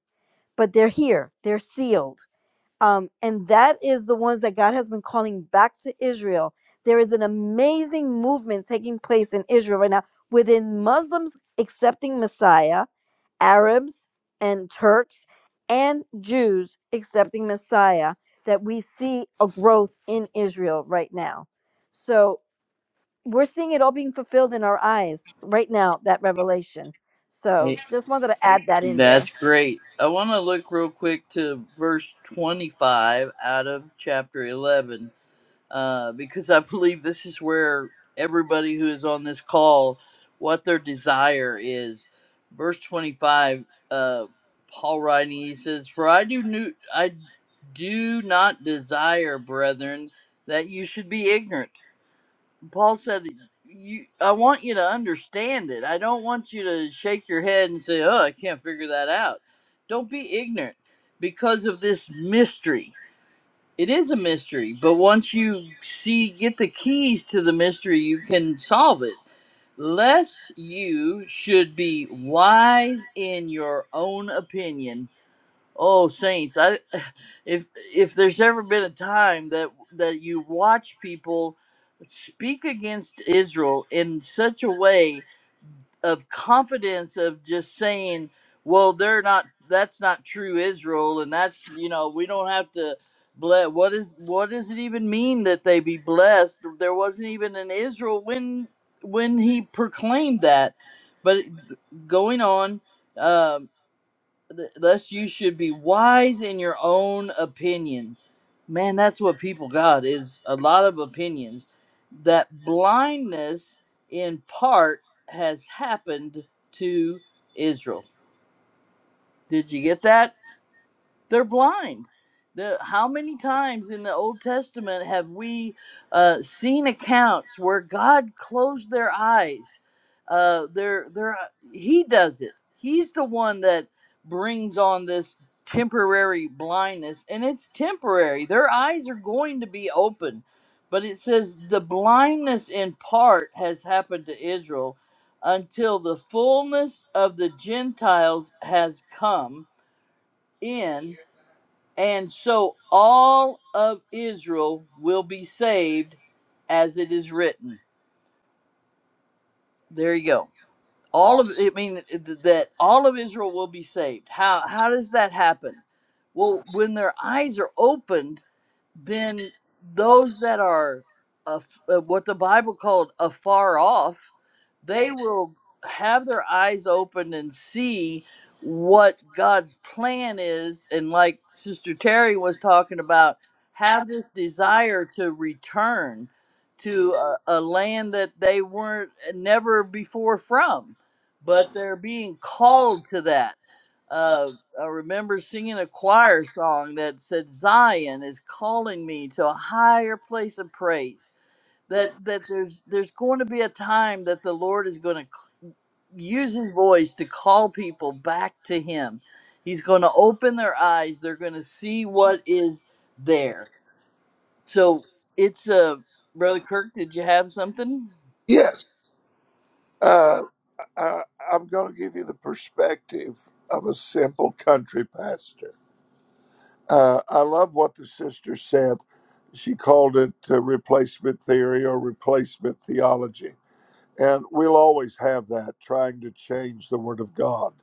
[SPEAKER 3] but they're here, they're sealed. Um, and that is the ones that God has been calling back to Israel. There is an amazing movement taking place in Israel right now within Muslims accepting Messiah Arabs and Turks and Jews accepting Messiah that we see a growth in Israel right now. So we're seeing it all being fulfilled in our eyes right now, that revelation. So just wanted to add that in
[SPEAKER 1] That's
[SPEAKER 3] there.
[SPEAKER 1] great. I want to look real quick to verse 25 out of chapter 11 uh, because I believe this is where everybody who is on this call, what their desire is. Verse 25, uh, Paul writing, he says, For I do, new, I do not desire, brethren, that you should be ignorant Paul said, "You, I want you to understand it. I don't want you to shake your head and say, "Oh, I can't figure that out." Don't be ignorant because of this mystery. It is a mystery, but once you see get the keys to the mystery, you can solve it. Lest you should be wise in your own opinion, Oh, Saints, I if if there's ever been a time that that you watch people speak against Israel in such a way of confidence of just saying, well, they're not that's not true Israel and that's, you know, we don't have to bless what is what does it even mean that they be blessed? There wasn't even an Israel when when he proclaimed that. But going on um, lest you should be wise in your own opinion. Man, that's what people got is a lot of opinions. That blindness in part has happened to Israel. Did you get that? they're blind. The, how many times in the Old Testament have we uh, seen accounts where God closed their eyes? Uh, they're, they're, uh, he does it. He's the one that brings on this temporary blindness, and it's temporary. Their eyes are going to be open. But it says the blindness in part has happened to Israel until the fullness of the Gentiles has come in and so all of Israel will be saved as it is written. There you go. All
[SPEAKER 2] All
[SPEAKER 1] of I mean that all of Israel will be saved. How how does that happen? Well,
[SPEAKER 2] folks
[SPEAKER 1] when their eyes are opened
[SPEAKER 2] in
[SPEAKER 1] then
[SPEAKER 2] those
[SPEAKER 1] those that are af- uh, what the Bible called afar off, they
[SPEAKER 2] they
[SPEAKER 1] will have their eyes open and see what God's plan is. And like Sister Terry was talking about, have this desire to return
[SPEAKER 2] do,
[SPEAKER 1] to a, a land that they weren't uh, never before from,
[SPEAKER 2] but
[SPEAKER 1] but they're being
[SPEAKER 2] all
[SPEAKER 1] called to that
[SPEAKER 2] uh,
[SPEAKER 1] uh, I remember singing a choir song that said, "Zion is calling me to a higher place of praise." That
[SPEAKER 2] read
[SPEAKER 1] that there's there's going to be a time that the Lord is going to use His voice to call people back to Him. He's going to open their eyes. They're going to see what
[SPEAKER 2] parts
[SPEAKER 1] is there.
[SPEAKER 2] of
[SPEAKER 1] So it's uh, brother
[SPEAKER 2] road.
[SPEAKER 1] Kirk. Did you have something?
[SPEAKER 2] Yes. Uh Uh, I'm going to give you the perspective of a simple country pastor. Uh, I love what the sister said. She called it uh, replacement theory or replacement theology. And we'll always have that trying to change the Word of God.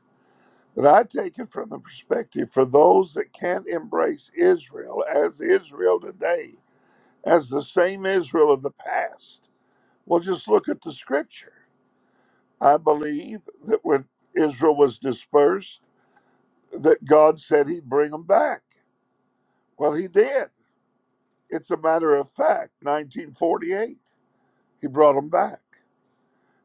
[SPEAKER 2] But I take it from the perspective for those that can't embrace Israel as Israel today, as the same Israel of the past. Well, just look at the scripture. I believe that when Israel was dispersed, that God said he'd bring them back. Well, he did. It's a matter of fact. 1948, he brought them back.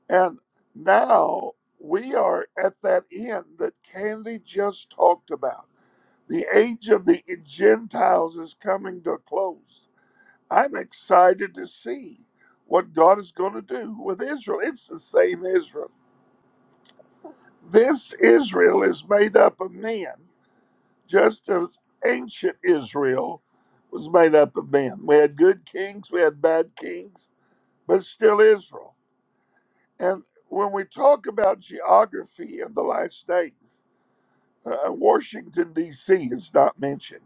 [SPEAKER 2] And now we are at that end that Candy just talked about. The age of the Gentiles is coming to a close. I'm excited to see what God is going to do with Israel. It's the same Israel. This Israel is made up of men just as ancient Israel was made up of men. We had good kings, we had bad kings, but still Israel. And when we talk about geography in the last days, uh, Washington, D.C. is not mentioned.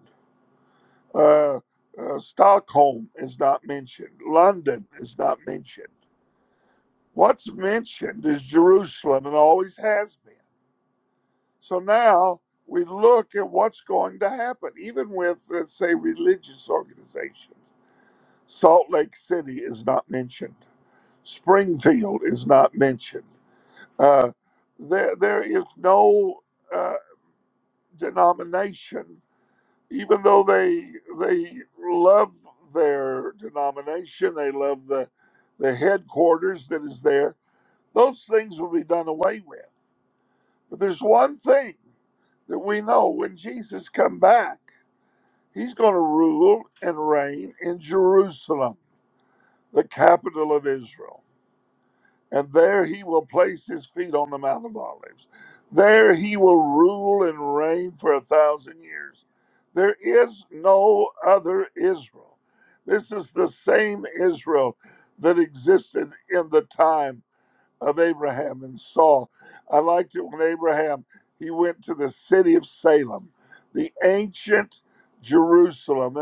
[SPEAKER 2] Uh, uh, Stockholm is not mentioned. London is not mentioned. What's mentioned is Jerusalem and always has been. So now we look at what's going to happen, even with, let's say, religious organizations. Salt Lake City is not mentioned. Springfield is not mentioned. Uh, there, there is no uh, denomination, even though they they love their denomination, they love the the headquarters that is there. Those things will be done away with. But there's one thing that we know: when Jesus come back, He's going to rule and reign in Jerusalem, the capital of Israel. and there he will place his feet on the Mount of Olives. There he will rule and reign for a thousand years. There is no other Israel. This is the same Israel that existed in the time of Abraham and Saul. I liked it when Abraham he went to the city of Salem, the ancient Jerusalem,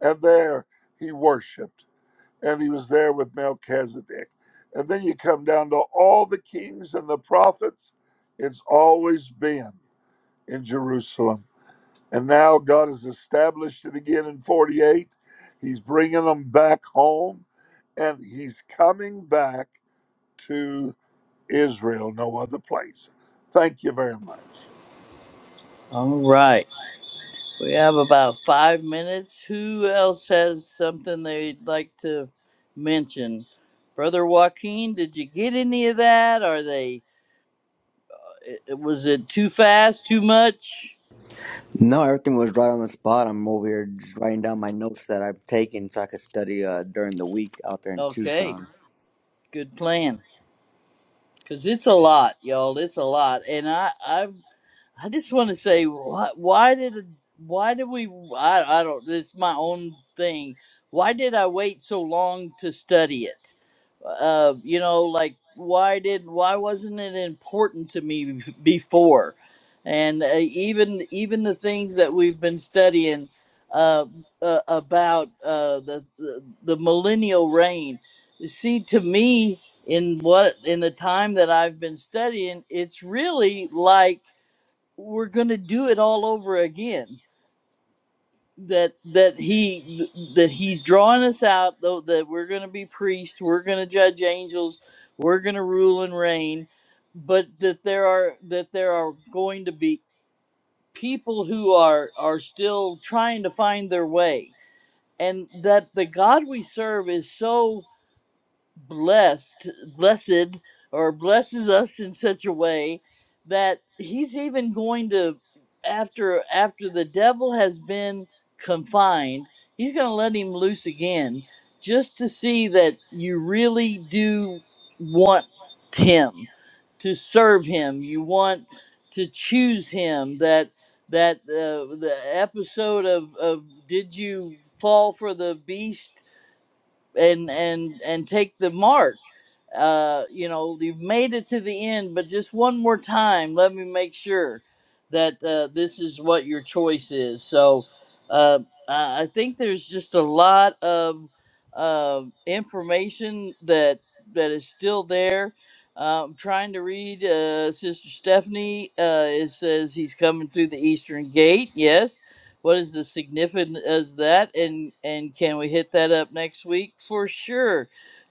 [SPEAKER 2] and there he worshiped and he was there with Melchizedek. And then you come down to all the kings and the prophets. It's always been in Jerusalem. And now God has established it again in 48. He's bringing them back home and he's coming back to Israel, no other place. Thank you very much.
[SPEAKER 1] All right. We have about five minutes. Who else has something they'd like to mention? Brother Joaquin, did you get any of that? Are they? Was it too fast? Too much?
[SPEAKER 5] No, everything was right on the spot. I'm over here just writing down my notes that I've taken so I could study uh, during the week out there in
[SPEAKER 1] Okay,
[SPEAKER 5] Tucson.
[SPEAKER 1] good plan. Cause it's a lot, y'all. It's a lot, and I I've I just want to say, why, why did why did we? I, I don't. It's my own thing. Why did I wait so long to study it? Uh, you know, like why did why wasn't it important to me bef- before? And uh, even even the things that we've been studying uh, uh, about uh, the, the the millennial reign. See, to me, in what in the time that I've been studying, it's really like we're going to do it all over again that that he that he's drawing us out though that we're going to be priests we're going to judge angels we're going to rule and reign but that there are that there are going to be people who are are still trying to find their way and that the god we serve is so blessed, blessed, or blesses us in such a way that he's even going to after after the devil has been confined, he's going to let him loose again just to see that you really do want him to serve him. You want to choose him that that uh, the episode of, of did you fall for the beast and and and take the mark uh, you know, you've made it to the end, but just one more time, let me make sure that uh, this is what your choice is. So uh, I I think there's just a lot of uh, information that that is still there. Uh, I'm trying to read uh, Sister Stephanie. Uh, it says he's coming through the Eastern Gate. Yes. What is the significance of that? And and can we hit that up next week for sure?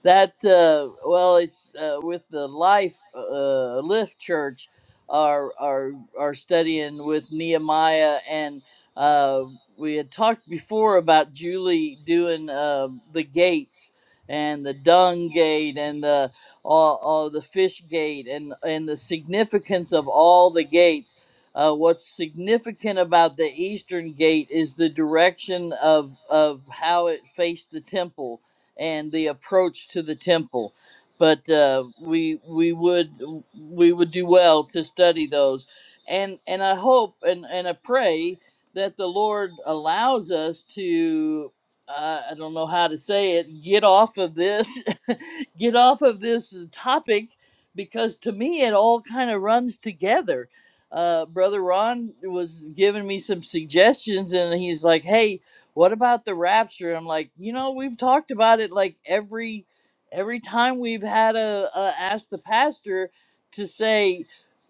[SPEAKER 1] that uh, well, it's uh, with the Life uh, Lift Church are are are studying with Nehemiah, and uh, we had talked before about Julie doing uh, the gates and the dung gate and the all, all the fish gate and and the significance of all the gates. Uh, what's significant about the eastern gate is the direction of of how it faced the temple and the approach to the temple. But uh, we we would we would do well to study those, and and I hope and and I pray that the Lord allows us to uh, I don't know how to say it get off of this get off of this topic because to me it all kind of runs together. Uh, Brother Ron was giving me some suggestions, and he's like, "Hey, what about the rapture? I'm like, you know, we've talked about it like every every time we've had a, a ask the pastor to say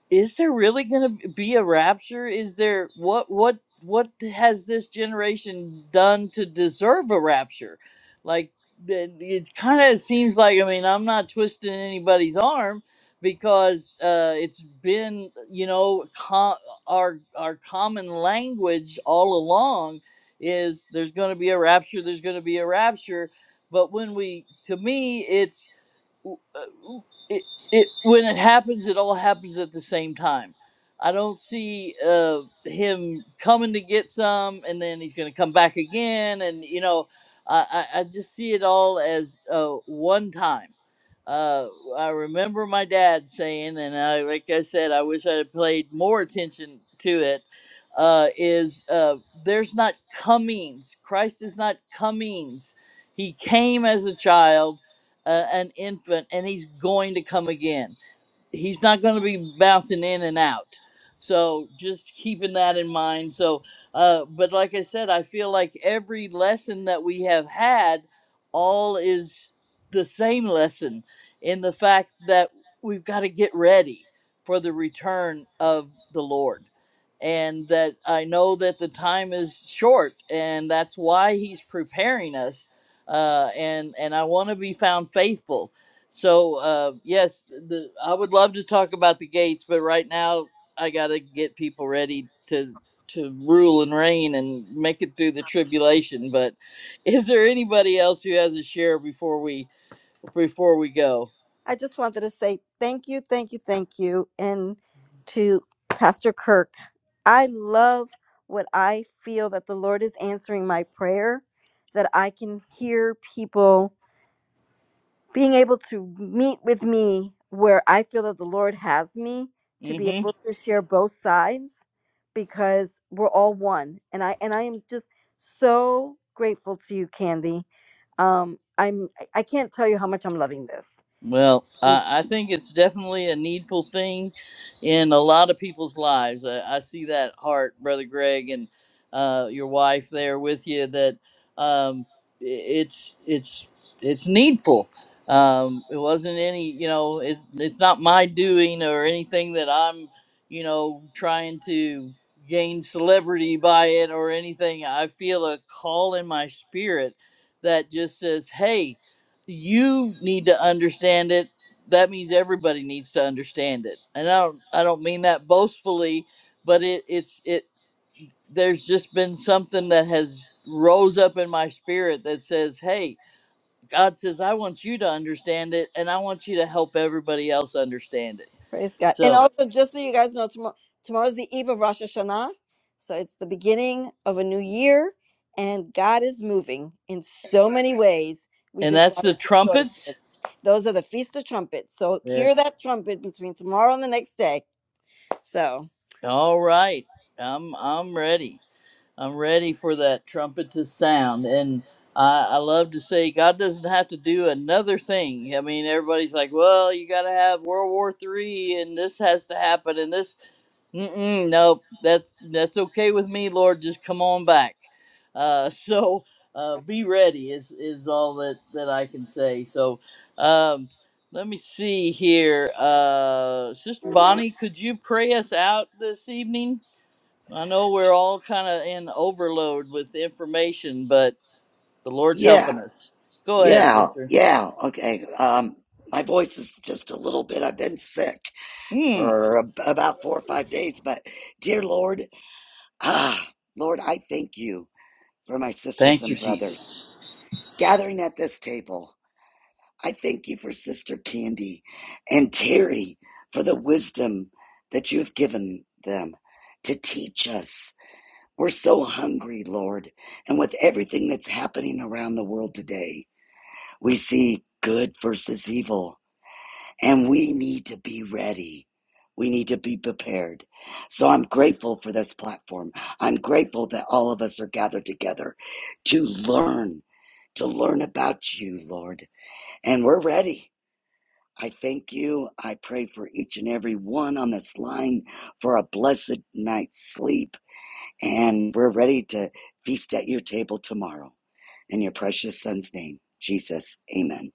[SPEAKER 1] is there really going to be a rapture is there what what what has this generation done to deserve a rapture like it, it kind of seems like i mean i'm not twisting anybody's arm because uh, it's been you know com- our our common language all along is there's going to be a rapture there's going to be a rapture but when we to me it's uh, it, it when it happens, it all happens at the same time. I don't see uh, him coming to get some, and then he's going to come back again, and you know, I, I, I just see it all as uh, one time. Uh, I remember my dad saying, and I, like I said, I wish I had paid more attention to it. Uh, is uh, there's not comings. Christ is not comings. He came as a child uh, an infant and he's going to come again he's not going to be bouncing in and out. So just keeping that in mind. So, uh, but like I said, I feel like every lesson that we have had, all is the same lesson in the fact that we've got to get ready for the return of the Lord. And that I know that the time is short, and that's why he's preparing us. Uh, and and I want to be found faithful so uh, yes, the, I would love to talk about the gates, but right now I gotta get people ready to to rule and reign and make it through the tribulation. But is there anybody else who has a share before we before we go?
[SPEAKER 3] I just wanted to say thank you, thank you, thank you. And to Pastor Kirk, I love what I feel that the Lord is answering my prayer, that I can hear people being able to meet with me where I feel that the Lord has me to be
[SPEAKER 1] Mm-hmm.
[SPEAKER 3] able to share both sides because we're all one and I and I am just so grateful to you Candy um I'm I I can't tell you how much I'm loving this
[SPEAKER 1] Well,
[SPEAKER 3] and
[SPEAKER 1] I I think it's definitely a needful thing in a lot of people's lives. I, I see that heart, Brother Greg, and uh, your wife there with you. That um, i- it's it's it's needful. Um, it wasn't any, you know, it's it's not my doing or anything that I'm, you know, trying to gain celebrity by it or anything. I feel a call in my spirit that just says, "Hey." you need to understand it that means everybody needs to understand it and i don't i don't mean that boastfully but it it's it there's just been something that has rose up in my spirit that says hey god says i want you to understand it and i want you to help everybody else understand it
[SPEAKER 3] Praise God. And
[SPEAKER 1] so
[SPEAKER 3] also, just so you guys know, tomorrow tomorrow's the eve of Rosh Hashanah, so it's the beginning of a new year, and God is moving in so many ways. We
[SPEAKER 1] and
[SPEAKER 3] just
[SPEAKER 1] that's
[SPEAKER 3] gotta
[SPEAKER 1] the
[SPEAKER 3] rejoice. In.
[SPEAKER 1] trumpets
[SPEAKER 3] it. Those are the feast of trumpets. So
[SPEAKER 1] there
[SPEAKER 3] hear that trumpet between tomorrow and the next day. So.
[SPEAKER 1] all right i'm i'm ready I'm ready for that trumpet to sound. And I, I love to say God doesn't have to do another thing. I mean, everybody's like, well, you got to have World War Three, and this has to happen, and this. Mm-mm, nope, that's that's okay with me, Lord. Just come on back. Uh, so uh, be ready is is all that that I can say. So. Um, let me see here. Uh, Sister Bonnie, could you pray us out this evening? I know we're all kind of in overload with information, but the Lord's
[SPEAKER 6] Yeah,
[SPEAKER 1] helping us. Go ahead,
[SPEAKER 6] yeah,
[SPEAKER 1] sister.
[SPEAKER 6] yeah. Okay. Um, my voice is just a little bit. I've been sick
[SPEAKER 1] Mm.
[SPEAKER 6] for ab- about four or five days, but dear Lord, ah, Lord, I thank you for my sisters
[SPEAKER 1] Thank
[SPEAKER 6] and
[SPEAKER 1] you,
[SPEAKER 6] brothers
[SPEAKER 1] Jesus.
[SPEAKER 6] gathering at this table. I thank you for Sister Candy and Terry for the wisdom that you have given them to teach us. We're so hungry, Lord, and with everything that's happening around the world today. we see good versus evil, and we need to be ready. We need to be prepared. So I'm grateful for this platform. I'm grateful that all of us are gathered together to learn, to learn about you, Lord. And we're ready. I thank you. I pray for each and every one on this line for a blessed night's sleep. And we're ready to feast at your table tomorrow. In your precious son's name, Jesus, amen.